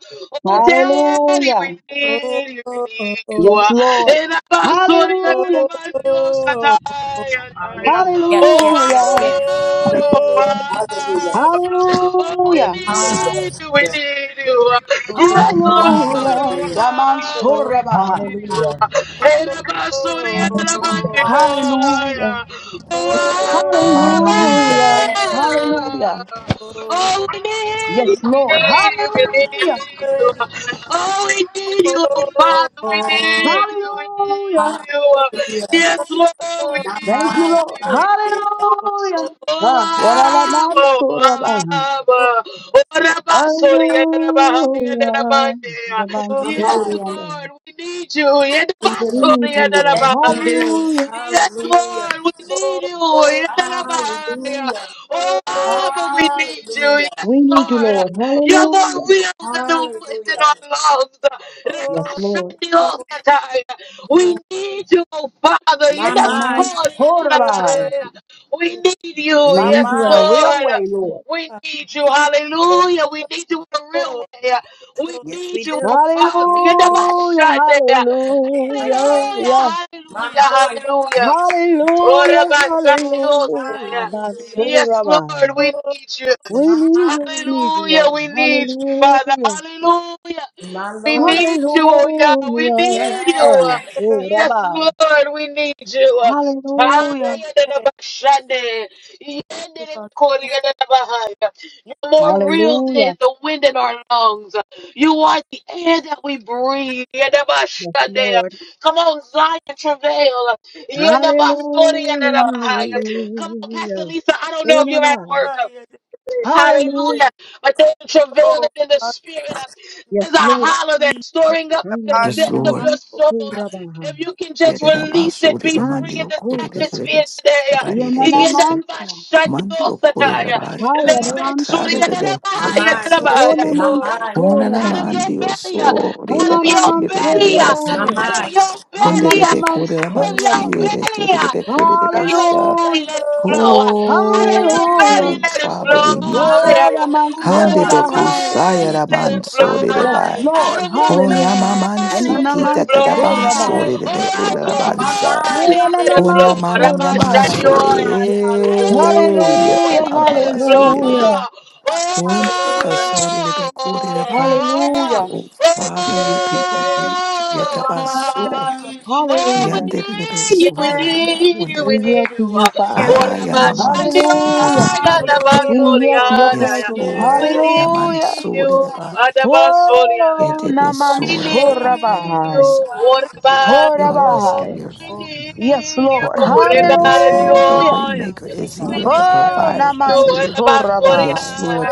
Oh, Daddy, we
Hallelujah.
need you, we
oh, oh,
need you.
Yes,
Uh,
Lord.
And I'm sorry, and I'm
Hallelujah.
not your satire.
Yes. Yes. Yes.
Hallelujah.
Oh,
Yes.
Abba, oh,
Hallelujah.
Abba. Oh, we
Hallelujah.
need you, we need you. Uh, Yes, Lord,
Hallelujah.
oh,
Hallelujah.
Abba, we
Yamansorabaha.
need you. Uh, And I'm sorry, and I'm not your-
Hallelujah.
Hallelujah.
Oh,
Hallelujah.
Hallelujah.
Hallelujah.
Hallelujah.
Abba. Oh, we need
Yes,
you, we
Lord.
need you, we
Hallelujah.
need you. Oh, we need you, oh Father, we need you, we need
Hallelujah.
you.
Hallelujah.
Yes, Lord, we
Thank you,
Hallelujah.
need
Lord.
you, we need
Hallelujah.
you. Oh,
Ah,
Abba, oh,
yaralamansorabaha.
Abba. Oh, Rabba, sorry, yeah, Rabba, yeah, yeah, Rabba,
Hallelujah.
yeah. Yes,
God,
Yamansorabaha.
Lord, we need you. Yeah,
we
Rabba,
We
do.
sorry,
need
yeah,
you, Lord.
Yes,
Rabba.
we
yeah.
do.
Hallelujah.
Yes,
Hallelujah.
Lord, we need you. Yeah, Rabba. yeah.
Hallelujah.
Oh, but we need you.
Hallelujah.
Yes,
We need you,
Lord.
Lord.
You're more
Hallelujah.
real than the wind in
Hallelujah.
our
Yes,
lungs.
Lord.
We need you, oh Father. You
My
never
mind.
call. you never
Yamansorabaha.
hire. We need you.
We
My
Yes,
need you in a
mind.
real
Lord.
way, Lord.
We need you. Hallelujah. We need you in a real way. We
Yes, we
need you,
do.
oh Father. You never
Hallelujah,
shut there.
Right
hallelujah,
there.
yeah.
Hallelujah.
My
Hallelujah.
mind.
Hallelujah. Oh,
Hallelujah,
Rabbi Sandy, Osaya.
hallelujah. My
Hallelujah.
soul,
Yes, Lord,
Rabbi.
we need you.
We
My
need
mind.
you, we need you,
Hallelujah,
Lord.
we need you, Father.
Hallelujah,
Hallelujah.
My
We
Lord.
need you, oh yeah, we
hallelujah.
need
Oh, yeah.
you.
Yes.
Oh,
Yes,
Rabbi.
Lord, we need you.
Hallelujah,
Ayadadabashande. Yendedekoriyadadabahaya. You're more real than
hallelujah.
the wind in our lungs. You are the air that we breathe.
Yes, Lord.
Come on, Zion, travail.
oh,
Hallelujah,
oh,
Come on, Pastor
hallelujah.
Lisa. I don't know
Oh,
if you're at
Rabbi.
work.
Hallelujah.
Hallelujah. But there's a travailing in the spirit. There's
Yes,
a
Lord.
holler that's storing up in the
Yes,
depth
Yanana
of
Lord.
your soul.
Mansurabaha.
If you can just
Oh,
release it, be free in this
Mansuraba.
atmosphere today. Oh,
Yanana Mansa. Hayana
My mind.
Ona
My mind.
come on, out of your
Mansurabaha.
belly, out of
Anana
your belly, out
My
Mansurabaha.
of
mind.
your belly,
Anana
out of your
Mansurabaha.
belly. Out of your
Hallelujah.
belly
Hallelujah.
let it flow. Out of
Yes.
your
Hallelujah.
belly let it
Father, we need
flow.
you.
Yeah.
Ona
Hallelujah.
Out of
Hande
your
Hallelujah.
Mansurabaha.
bekusaya
belly let it
My
ramanso
flow.
Yes,
de
mind.
Lord.
Out of your
O
Hallelujah.
Hallelujah.
yamamansi
belly
Anana
let it
kita
flow. Oh,
tadabanso
Yes.
Mansurabaha.
rebe
out of your
My
olalabansa.
mind,
belly let
Hayana
it
Ona
hallelujah.
flow.
Mansurabaha.
My
mananamanso
Ramashadioya.
mind,
Out of
hallelujah.
your
e
Hallelujah,
belly let it
yatamabaso
flow.
hallelujah.
yerebe.
Oh,
Hallelujah.
Onebaso rebe
oh, oh,
koreba.
oh,
Hallelujah.
Yes.
Oh Father, your people need you.
My
oh.
mind,
Yatabaso.
oh.
hallelujah.
Oh, we
Hallelujah.
Yanderebe
need you, we
sunderebe
Yes.
need you, we
We
konderebe.
need
yield
you.
to you,
Oh,
Father.
Aya mamanso
Hallelujah.
derebe
Rabashandia,
konderebe.
Hallelujah.
We yield to your
Dabasoriana,
Yes,
presence.
Lord.
we
Yes.
need
Hallelujah.
Yamanso
you,
derebe.
Adabasoria.
Whoa,
Yetebe
Naman
We
Hallelujah.
sorerebe.
need you,
Yerebe
Sorabahai.
sa.
oh, Rabania.
Healer is
Horabahai.
here.
We
Yes,
need you,
The
Lord.
comforter is here. The
Hallelujah.
Rebania.
waymaker is
My
We
here. The
mind,
Oh,
need
provider is
Naman
you,
here. Yes,
Sorabahai.
Lord.
Dabasoriana.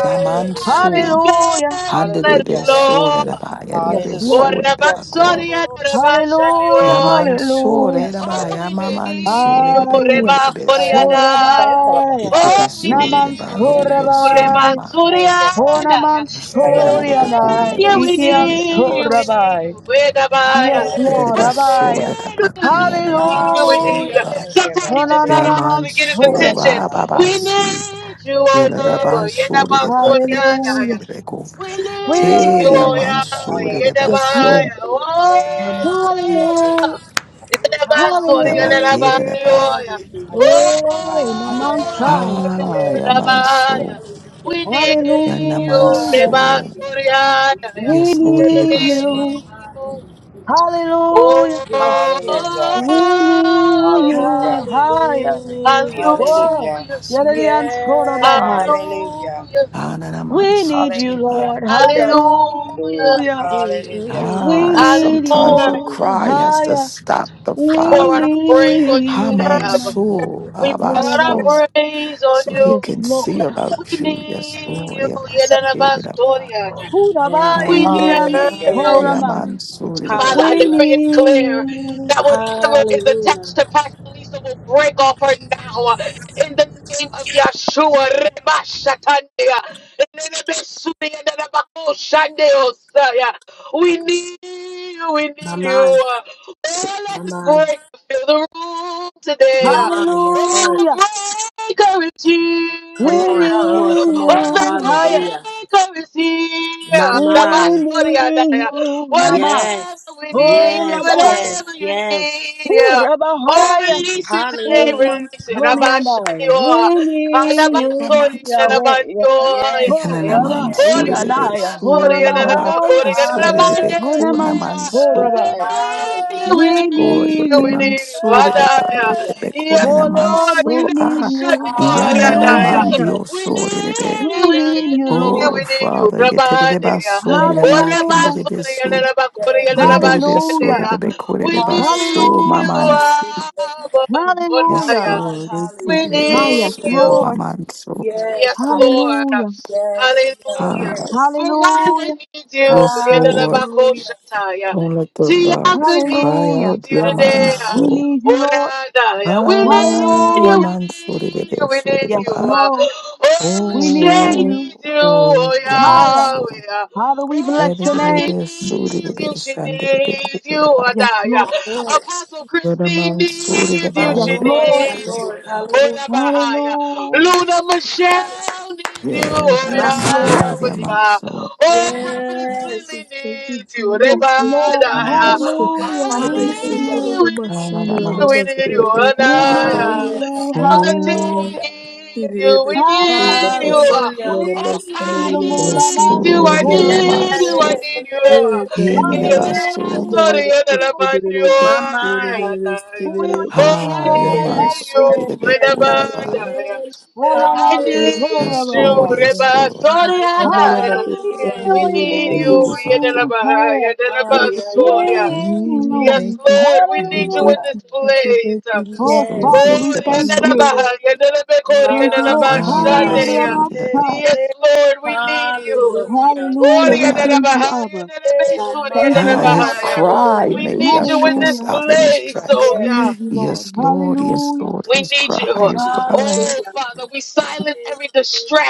Out of your
Hallelujah.
belly, let it
Yes.
Handedebesore
flow.
daba,
Yes,
Hallelujah.
Lord.
yedebesore daba,
Yes,
kone
Lord.
Orabasoria,
amansu.
Hallelujah.
Rabashandioya.
Hallelujah.
Yamansore
Yes,
All
daba,
Lord.
we need
yamamansore
you,
debe,
Ay.
kone
Reba
debeso.
Oriadaya.
Horabahai.
Oh, we
Yetebesore
Naman
need
daba,
you,
yedebesone
Reba
Sorabai.
daba.
Thank you, God.
Onaman
Suriadaya. We
Yesore debe,
Hayaramoshanda.
kone
soriana,
need you,
deba,
we
si
ikian
need you, we
yedemansu.
need
sorabai.
you,
We need you,
Vedabaya.
Yes,
God.
Lord,
Hallelujah.
Rabbi.
Yedebesore daba,
We
ki
need you, we need you, we
yedemansu
need
Hallelujah.
Hallelujah.
you.
deba.
Thank you,
Sometimes
God.
you just gotta holler
Onanaman
to get his
Yamansu,
Thank you,
sorabai.
attention.
God.
We
Ababasi,
need you, O Abba,
Yalabansuri
Yedaba
de Bada de Basari
Suriadaya.
Hallelujah.
de Beko.
We
We
need
love
you,
Hey,
you.
oh
Hayaramoshanda.
Yahweh.
Yamansuri
You're
de
the
Yes,
Hayaramoshanda.
Basso,
Lord.
fire, oh.
Hallelujah.
You're the best one,
de
you're the
Hallelujah.
Bate
man,
Hallelujah.
de Ba.
oh, yeah.
Hallelujah.
Oh,
Hayaramoshaya.
Naman
Yes.
Hayaramoshanda.
Sai.
Oh,
Ah,
Yes.
the
Yes.
fire,
Yamanso,
Hallelujah.
We need you, the
Hallelujah.
Yanamanso.
best
Hallelujah.
yeah, yeah,
Hallelujah.
yeah.
We
Yes, Lord de
We
need
My
Basso,
you.
need
mind is
you.
you have.
Hallelujah.
Yes, yes,
Oh,
Hallelujah.
We
yes.
need you.
Hallelujah.
Higher.
Hallelujah.
Manso,
Whoa,
Hallelujah.
hallelujah,
Basso.
Yadadians Horabahai.
Yes.
Hallelujah.
hallelujah,
We need
Ananamansuri
you,
de Ba.
Hallelujah.
Lord.
hallelujah,
Hallelujah.
Hallelujah.
Mm-mm-mm.
We
Ah,
need
sometimes your
hallelujah.
you.
cry has to
Higher.
stop the
We pour
We
out our
Father.
praise on
need
you
you,
today,
Nama.
Abba.
Hamansu
We pour out
Horabahai.
Abasos,
our praise on
so he
you.
Yes,
can see
Lord.
We
about you. Yes,
need
Lord.
you.
Yes,
Yedelabasoriana.
Yes,
We
Hurabai
Ah,
need
Kians
yes,
Hallelujah.
you.
yes.
Horamai.
Yamansuri the
Father,
bad.
I
We
Hallelujah.
decree and
need
declare
you.
that whatever is attached
Hallelujah.
to Pastor Lisa will break off her now. In the name of Yeshua, Reba Shatandia, Nenebe Sudia, Nenebako Shandeo Saya. we need you, we
My
need you.
mind,
Oh,
my
let the
mind,
breaker fill the room today.
my
Oh,
mind. Yes, Lord.
Hallelujah.
the breaker is
Come
We
on, come
here.
on,
need
come
Oh,
on.
the
you. Higher.
Hallelujah.
breaker is
My
here.
We
Neba
mind.
need
Soria,
you,
Whatever
Nama.
Yes,
we need,
yes,
Horabahai.
yes,
whatever you
yes.
need, yeah. Oh,
Horabahai.
release it today,
Una
Hallelujah.
release it.
Come on.
mansoni yanayo
Abashanioa.
That's
wini
it.
Alabasori,
yu
Yamansu.
yawe
alabandio,
Yes,
yeah.
yes,
horaba
yes.
Ori,
Yananamansuri the
yanaya
Besu,
alabasori,
horabahaya
alabakori,
Rabasuri the
Hallelujah.
alabande.
una
Bekuna Mansu.
We
mansorabaya.
need
Hallelujah.
you, we
We
Oh,
Yeah.
need
need
you, we
you,
need you.
Yotemansuri the Bay, the
Hallelujah.
Adaya.
Hallelujah.
Yes,
Bekuna
oh Lord,
Lord.
we
Mansu.
need
Ah,
you.
Glory to
Alabashanioa, yeah.
Hallelujah.
Hallelujah.
Yananamandio
We
Suri the Bek.
need you,
We
we
God.
need you,
need you,
Lord.
Oh,
we need you.
Father, Yetere the
Rabande. yeah.
Basuni
Yes,
the
We
Bay,
need
Kende
Hallelujah.
the Besu.
yes, yes.
Yende the Besuri
Hallelujah.
the Bekuri the bus,
Hallelujah.
so
Hallelujah.
you,
Basu,
Hallelujah.
Abba.
My
Yes,
Hallelujah.
mind,
Lord. They did
We
it.
Ah,
It's
need
yes,
hallelujah.
so
you.
my
Lord.
mind so
Yes,
Yes,
Father.
Lord.
Hallelujah.
Yes, yes,
Hallelujah.
ah.
yes.
Veranda
Hallelujah.
needs you.
Yes, Lord.
Hallelujah.
Yedadabakoshataya.
Don't let the rocks
Tiaka
cry
Hallelujah.
out.
needs you
Yeah,
My
man.
today.
mind.
We
So
need you, Lord.
Oradaya. We
ah,
need
yeah,
you.
Hallelujah.
We
man. So did it.
need you.
is,
We
So did
need
it.
Yes,
you. Uh,
Lord.
Oh,
We
Lachey
need
Oh,
you
needs you. Oh,
oh, yeah, man.
higher.
So
Yahweh.
Father, we
Oh,
bless
yeah, did
your
it.
Tanya
name.
is, So did
needs
it.
you.
is,
She
And did it. Cool.
needs
Yeah,
you.
bad.
Yes,
Adaya.
Lord.
Lord,
Apostle
Yeah, the
Christine
man. So
needs
did it.
my
you.
Yeah,
She
Yes,
the
Lord,
best.
Lord.
my
So
needs you.
Lord.
Oh,
Hallelujah.
Rabahaya.
Hallelujah.
Luna Michelle needs you, oh yeah,
My
Yes,
yes,
Lord.
mind.
Lord.
oh
Yeah, man.
yeah.
So
Oh, Prophetess
Yes.
Lily
Jesus, thank you,
needs you,
Jesus,
Yes,
Rebada,
thank
Lord.
yeah,
you,
man.
yeah.
Jesus.
So
Hallelujah.
Oh,
We
Ebe
need
Hallelujah.
we need
sekolo
you.
you,
na
we
ah,
mashana
yeah,
need
na
man.
you, we
So
need
did
you,
it.
oh,
mashana
Cool.
We
Yeah,
nah,
Ah,
need
yes,
mashana.
you.
yeah.
Father.
Elder Tammy
Oh,
Hallelujah.
needs you,
Ebe
we
Hallelujah.
Higher.
sekolo na
need you.
Yeah,
uh.
Hallelujah.
mashana
We
na
Oh,
mashana
need you
Kai
to
na
move our
yes,
needs
minds
you,
Lord,
I
yeah,
mashana.
Yes,
need
forward.
you, I
Yanamaso,
need you.
yes,
uh.
Eh God,
yes,
na
Yeah,
na
la, la,
yes.
ba,
mashana
Yanamaso,
Hallelujah.
na
sorry,
na
yeah, la,
We
la,
mashana
man, you,
receive
na mashana na
you.
My
oh,
mind.
yeah, nah,
We
yeah.
receive
mashana na
you,
Oh, I
Ah,
Lord.
mashana na
Yes,
Hallelujah.
need
Yamansu,
you,
yes, yes,
Rebekori,
Father.
mashana.
Daba.
Rebada, yeah.
All our
I
minds
Thank you, Jesus.
Hallelujah.
need
Yes, Lord,
Thank
you,
forward.
you,
yes,
Reba.
Lord.
Sorry,
My
Hallelujah,
Adaya.
Jesus.
hallelujah.
We
we
need
We
need
need you,
you,
Father.
you.
Yedelaba,
Hallelujah,
Ah,
Yedelaba,
yeah,
we
Soria.
We
yeah.
need you.
Yes,
Thank
need
you,
Lord, we
Jesus. Thank you, Jesus.
need
you.
you in
Hallelujah.
Thank
this
you, Jesus. Thank you, Jesus. Thank
place.
you, Jesus. Thank you,
Yes,
Oh,
Jesus.
Lord,
Yes.
Father, we
Lord,
thank
Yedelaba,
you.
Rebaso,
Yedelebe, Kori,
Thank you,
My,
Lord.
Yedelaba,
my, my.
Hallelujah.
Shadea.
Anidabaso,
Rabbasai.
Ridadaba.
Yes, Lord, we need you.
Hallelujah.
Ah,
Lord,
Hallelujah. We
ah,
thank you,
Yedelaba,
Abba.
Yedelebe,
My,
Soria,
Thank
my,
you,
ah, his
Lord.
Yedelaba.
cry
hallelujah.
We
made
need you in
Yeshua
this
Hallelujah.
stop in his
place,
tracks.
oh
We
Yes.
yeah.
need you, Lord.
Yes, Lord, yes,
Hallelujah.
Lord,
We
his
need
cry,
you.
his cry.
Oh,
Hallelujah.
Father, we silence every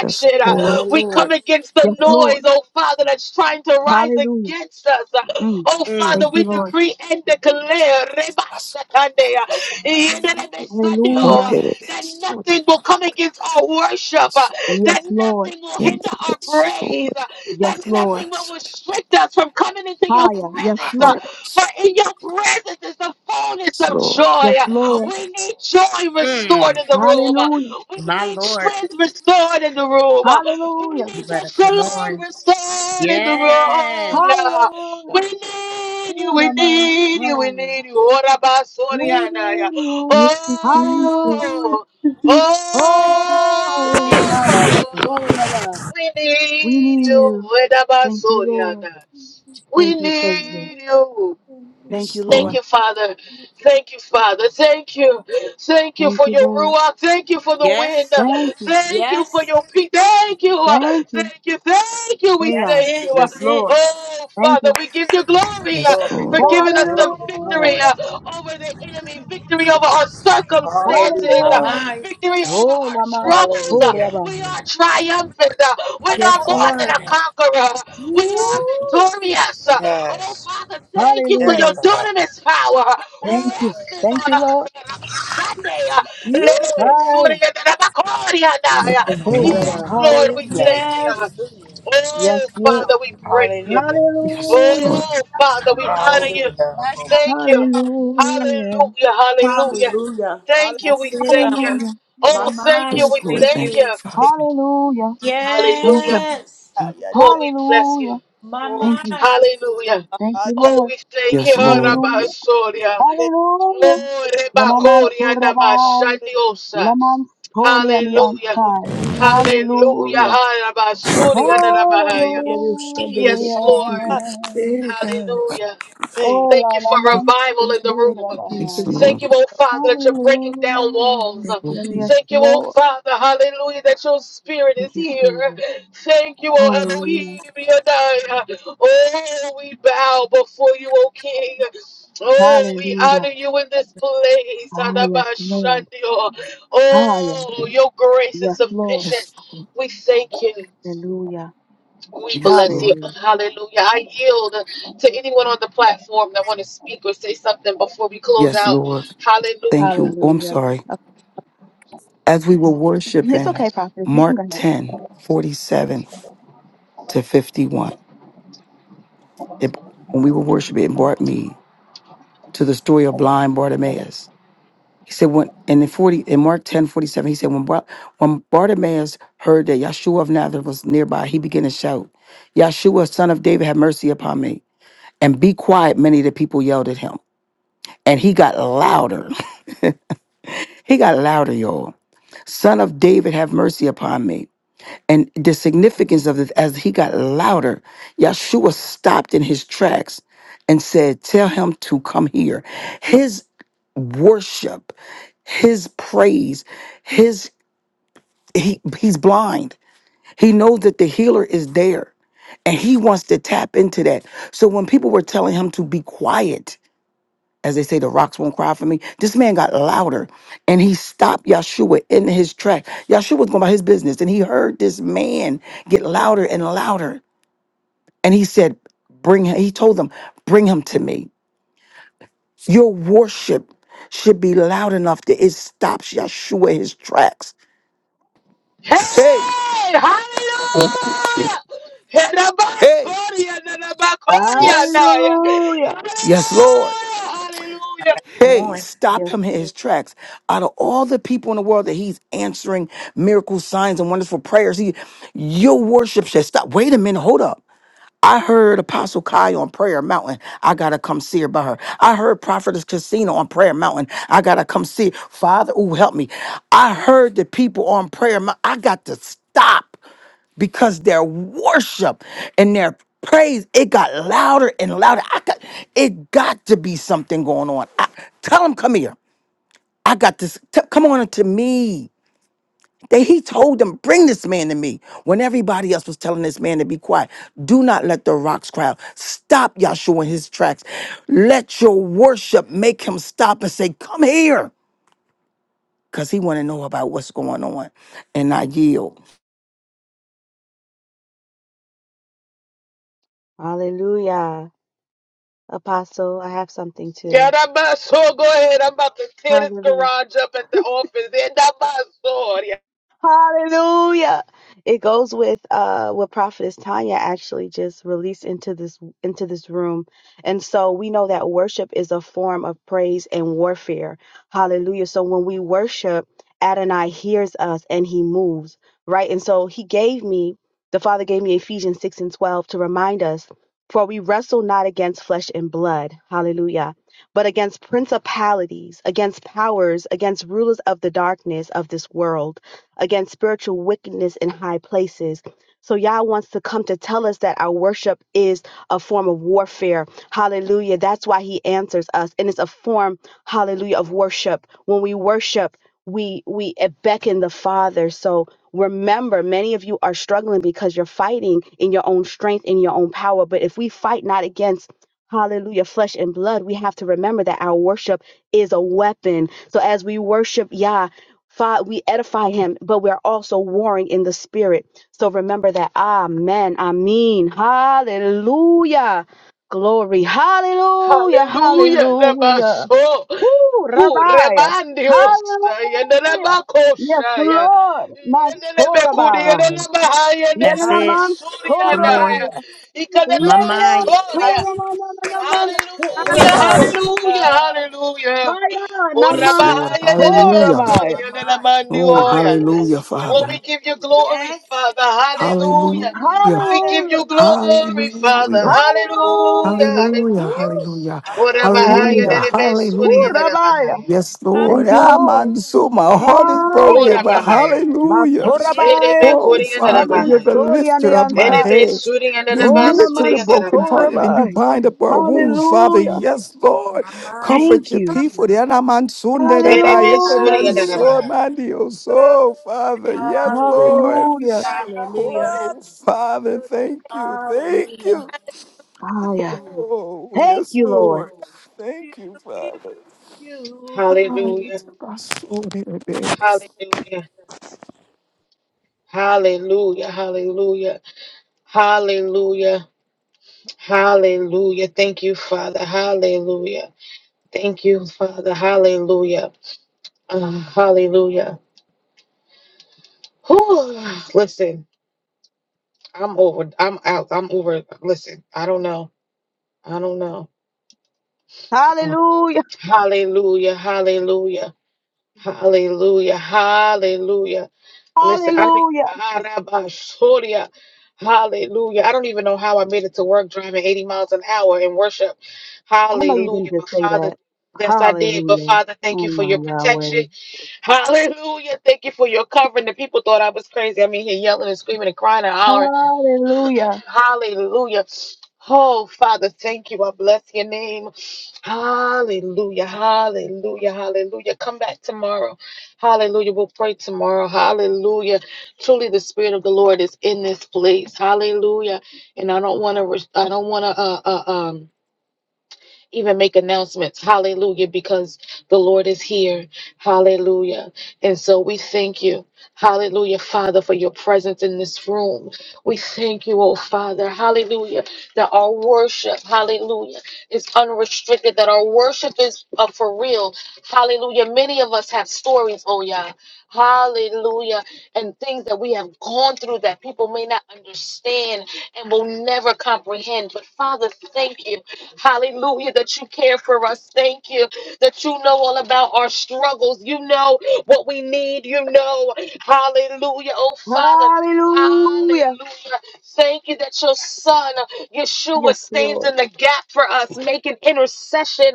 Yes,
Uh,
Lord.
We come against the
Yes,
noise,
Lord.
oh, Father, that's trying to rise
Hallelujah.
against us. Uh,
Mm.
Oh, Father,
Mm,
Thank
we
you, Lord.
decree and declare Reba Shakande, uh, Yenelebe Sandio,
Hallelujah.
uh, that nothing will come against our worship, uh, that
Yes, Lord.
nothing will hinder our praise, uh, that
Yes, Lord.
nothing will restrict us from coming into your
Higher. Yes,
presence. uh,
Lord.
For in your presence is the fullness
Yes,
of joy.
Lord.
Yes,
uh,
Lord.
we need joy restored
mm.
in the room.
Hallelujah.
We
My
need
Lord,
strength restored in the room. We
Hallelujah.
you
need your
better come
shalom
on.
restored in the room.
Yes.
yeah.
Hallelujah.
We need you. We
Suraman,
need you. We
Hallelujah.
need you. Ora
We
basoriana, yeah.
need you.
Oh,
Hallelujah.
oh,
Mm,
Oh,
mm,
Naman
mm.
Soraman.
we
We
need
need
you.
you.
Ora
Thank you, Lord.
basoriana. We
Thank you, Savior.
need you.
Thank
Yes,
you,
Thank
Lord.
Lord.
you, Father. Thank you, Father. Thank you. Thank you
Thank
for
you,
your
Lord.
ruach. Thank you for the
Yes,
wind.
Thank you.
Thank you for
Yes,
your peace. Thank you.
Thank you.
Thank you. Thank you. We
that's
Yeah.
thank
it.
you.
Yes,
That's it.
Lord.
Oh,
Thank
Father,
you.
we give you glory uh,
Yes,
Glory,
for
Lord.
glory,
giving us the
glory,
victory
glory.
Hallelujah.
uh, over the enemy, victory over our circumstances,
My
uh,
Hallelujah.
Hallelujah.
mind.
victory over
Oh,
our
Naman
troubles. uh.
Hallelujah.
We
Soraman.
are triumphant. uh. We are
Yes, we
more
are.
than a
Hallelujah.
conqueror. We
Woo!
are victorious. Oh,
Yes.
Father, thank you for your
Yes,
Hallelujah.
God.
dunamis power
Thank you.
resting
Thank
on
you,
us.
Lord.
Sunday, uh,
You.
let it be Surya, let it be Korea, now, uh,
Hallelujah.
Yes,
Hallelujah.
Lord, we
Hallelujah.
thank you.
Yes.
Oh,
Yes, Lord.
Father, we praise you.
Hallelujah.
Yes,
Hallelujah.
Lord.
Oh, Father, we honor you.
Hallelujah.
Thank you.
Hallelujah.
Hallelujah. Hallelujah.
Hallelujah.
Thank you. We
That's it,
thank you.
Abba.
Hallelujah.
My
Oh, thank you.
Yes,
mind.
We
Lord.
Thank
thank
Thank you,
you.
you.
Father.
Hallelujah. Thank you.
Hallelujah.
Yes.
Oh,
let's
we bless you.
Hallelujah.
My
go.
Thank you.
mind.
Hallelujah.
Ah,
Thank
yeah,
you,
Oh,
Lord.
we thank
Yes, Lord.
thank
Hallelujah.
you.
you,
Hallelujah.
Oh,
I thank you,
Yenaman
rebakori
I
surabai.
thank
andabashandiosa.
Laman sori and
Hallelujah. Hallelujah.
Hallelujah.
Harabasuri
you.
andabahaya.
Hallelujah. Hallelujah.
Yes,
Hallelujah.
Lord. Hallelujah.
Hallelujah.
Oh,
Thank
la
you
la
for
man
revival in the
Thank you,
room.
Yes,
surabai.
Thank you,
Lord.
Jesus.
oh Father, that you're breaking down walls.
Thank you,
Hallelujah. Yes,
Yes,
Thank you, oh
Lord.
Father, hallelujah, that your spirit
Thank
is
you,
here.
Savior.
Thank you, oh
Hallelujah.
Elohim, Yadai. Oh, we bow before you, oh King. Oh, we
Hallelujah.
honor you in this place.
Ah, yes, Lord.
Adabashandio.
Ah, yeah.
Oh, your grace is
yes, Lord.
sufficient. We thank you.
Hallelujah.
We
yes,
bless you.
Lord.
Hallelujah.
Hallelujah. I yield to anyone on the platform that want to speak or say something before we close
Yes,
out.
Lord. Thank
Hallelujah.
you. Oh, I'm
Hallelujah.
sorry.
Okay.
As we were
It's
worshiping,
okay, prophet. You can
Mark
go ahead.
10:47 to 51. it, when we were worshiping, it brought me to the story of blind Bartimaeus. He said, when, and in 40, in Mark 10:47, he said, when, Bar, when Bartimaeus heard that Yeshua of Nazareth was nearby, he began to shout, Yeshua, son of David, have mercy upon me. And be quiet, many of the people yelled at him. And he got louder. He got louder, y'all. Son of David, have mercy upon me. and the significance of this as he got louder yeshua stopped in his tracks and said tell him to come here his worship his praise his he, he's blind he knows that the healer is there and he wants to tap into that so when people were telling him to be quiet as they say the rocks won't cry for me this man got louder and he stopped yeshua in his track yeshua was going about his business and he heard this man get louder and louder And he said, Bring him, he told them, Bring him to me. Your worship should be loud enough that it stops Yeshua his tracks. Hey,
Hey, hallelujah!
hey,
Herabasoria, nanabakoria,
yes,
naya.
Hallelujah.
yes, Lord.
Hallelujah, hallelujah.
Come
Hey,
on.
stop
Yes,
him in his
Lord.
tracks. Out of all the people in the world that he's answering miracle signs and wonderful prayers, he, your worship should stop. Wait a minute, hold up. I heard Apostle Kai on Prayer Mountain. I gotta come see her by her. I heard Prophetess Christina on Prayer Mountain. I gotta come see. her. Father, ooh, help me. I heard the people on Prayer Mountain. I got to stop because their worship and their praise it got louder and louder. I got it got to be something going on. I, tell them come here. I got this. T- come on to me. That he told them, bring this man to me. When everybody else was telling this man to be quiet, do not let the rocks cry out. Stop Yahshua in his tracks. Let your worship make him stop and say, come here. Because he want to know about what's going on. And I yield.
Hallelujah. Apostle, I have something too.
Yadabaso, go ahead. I'm about to tear this
Hallelujah.
garage up at the office.
Hallelujah. It goes with uh what prophetess Tanya actually just released into this into this room. And so we know that worship is a form of praise and warfare. Hallelujah. So when we worship, Adonai hears us and he moves, right? And so he gave me the Father gave me Ephesians 6 and 12 to remind us, for we wrestle not against flesh and blood, hallelujah, but against principalities, against powers, against rulers of the darkness of this world against spiritual wickedness in high places. So Yah wants to come to tell us that our worship is a form of warfare. Hallelujah. That's why he answers us. And it's a form, hallelujah, of worship. When we worship, we we beckon the Father. So remember, many of you are struggling because you're fighting in your own strength, in your own power. But if we fight not against Hallelujah, flesh and blood. We have to remember that our worship is a weapon. So as we worship Yah, Fa- we edify him, but we're also warring in the spirit. So remember that. Amen. Amen. Hallelujah. Glory. Hallelujah.
Hallelujah.
Hallelujah.
Rebaso.
Woo,
Hu
Rabbi.
rebandiosha.
Hallelujah. Yes,
Yenerebakosha.
Lord.
Yenerebekuri.
Masorabai.
Yenerebaha.
That's it.
Yenenaman
Come
Yenerebesuriadaya.
on.
sorabai.
My
Lemian
mind.
Ikanerebasoria.
soramanaman
Hallelujah.
sorabai.
Hallelujah. Hallelujah.
Haya
Oh,
Yes,
Rabbi,
naman
Lord. Hallelujah.
sorabai.
My mind.
Oh, hallelujah,
Oh, we
Hallelujah.
Father.
give you glory,
Yes.
Father. Hallelujah.
Hallelujah.
We
Hallelujah.
give
Hallelujah.
you glory, Father.
Hallelujah.
Hallelujah.
Hallelujah.
Hallelujah.
Hallelujah.
Woo!
Hallelujah.
Ora bahaya
Hallelujah.
Hallelujah.
derebe, be suri
Ooh,
Hallelujah.
andara
Rabbiah.
bahaya.
Yes,
Hallelujah.
Lord.
Thank you,
Ah,
Lord.
man, so my heart is broken,
Ora
Hallelujah.
but
bahaya.
hallelujah.
That's it.
Ere be
Masorabaya.
Oh,
kuri andara
Father, you're the
bahaya.
Namansori and
lifter
the
of my
Ere
Antai.
be
head.
suri andara
You're
ba
Oh,
near to the
andara
brokenhearted
bahaya.
and you
Namanskorabaya.
bind up our wounds, Father.
Hallelujah.
Yes, Lord.
My mind.
Thank
Comfort your
you.
people. They are not man soon, they are
Ere
by
be
it, they
suri
man
andara
Hallelujah.
so,
Hallelujah.
bahaya.
man, they are so, Father. Yes,
Hallelujah.
Lord.
Hallelujah.
Hallelujah.
Oh, Father, thank you. Thank
Hallelujah.
you.
Hallelujah.
Oh,
Thank
yes,
you, Lord.
Lord. Thank you, Father. Ah, it's
Hallelujah.
a bus, oh, little bit.
Hallelujah. Hallelujah. Hallelujah. Hallelujah. Hallelujah. Thank you, Father. Hallelujah. Thank you, Father. Hallelujah. Uh, hallelujah. Whew. Listen, I'm over. I'm out. I'm over. Listen, I don't know. I don't know. Uh,
Hallelujah.
hallelujah, hallelujah, hallelujah, hallelujah. Listen, I mean,
Hallelujah.
Arabashoria. Hallelujah. I don't even know how I made it to work driving 80 miles an hour in worship.
I know you
Hallelujah.
didn't
But
just say
Father,
that.
yes, I did. But
Hallelujah.
Father, thank
Oh
you for your
my
protection.
Yahweh.
Hallelujah. Thank you for your covering. The people thought I was crazy. I mean, here yelling and screaming and crying and hollering.
Hallelujah.
Hallelujah. Oh, Father, thank you. I bless your name. Hallelujah. Hallelujah. Hallelujah. Come back tomorrow. Hallelujah. We'll pray tomorrow. Hallelujah. Truly the spirit of the Lord is in this place. Hallelujah. And I don't want to I don't want to uh, uh um even make announcements. Hallelujah, because the Lord is here. Hallelujah. And so we thank you. Hallelujah, Father, for your presence in this room. We thank you, oh Father. Hallelujah, that our worship, hallelujah, is unrestricted, that our worship is uh, for real. Hallelujah. Many of us have stories, oh yeah. Hallelujah. And things that we have gone through that people may not understand and will never comprehend. But Father, thank you. Hallelujah, that you care for us. Thank you that you know all about our struggles. You know what we need. You know, hallelujah. Oh, Father.
Hallelujah.
Hallelujah. Thank you that your son, Yeshua,
Yes,
stands
Lord.
in the gap for us, making intercession.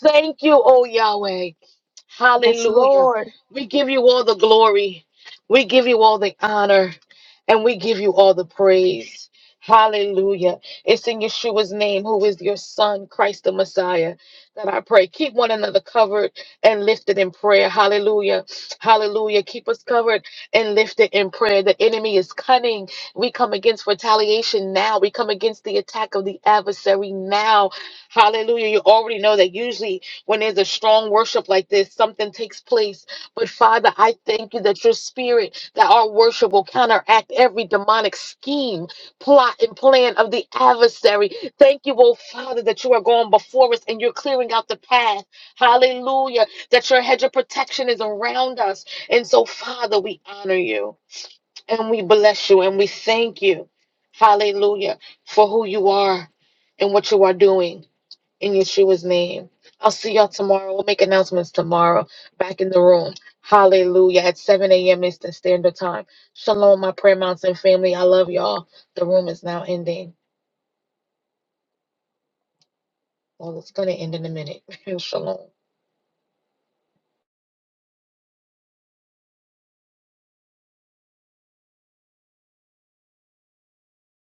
Thank you, oh Yahweh.
Yes,
Hallelujah.
Lord.
We give you all the glory. We give you all the honor. And we give you all the praise. Hallelujah. It's in Yeshua's name, who is your son, Christ the Messiah, that I pray. Keep one another covered and lifted in prayer. Hallelujah. Hallelujah. Keep us covered and lifted in prayer. The enemy is cunning. We come against retaliation now. We come against the attack of the adversary now. Hallelujah. You already know that usually when there's a strong worship like this, something takes place. But Father, I thank you that your spirit, that our worship will counteract every demonic scheme, plot, and plan of the adversary. Thank you, oh Father, that you are going before us and you're clearing out the path. Hallelujah. That your hedge of protection is around us. And so, Father, we honor you and we bless you and we thank you. Hallelujah for who you are and what you are doing in Yeshua's name. I'll see y'all tomorrow. We'll make announcements tomorrow back in the room. Hallelujah. At 7 a.m. Eastern Standard Time. Shalom, my Prayer Mountain family. I love y'all. The room is now ending. Well, it's going to end in a minute. Shalom.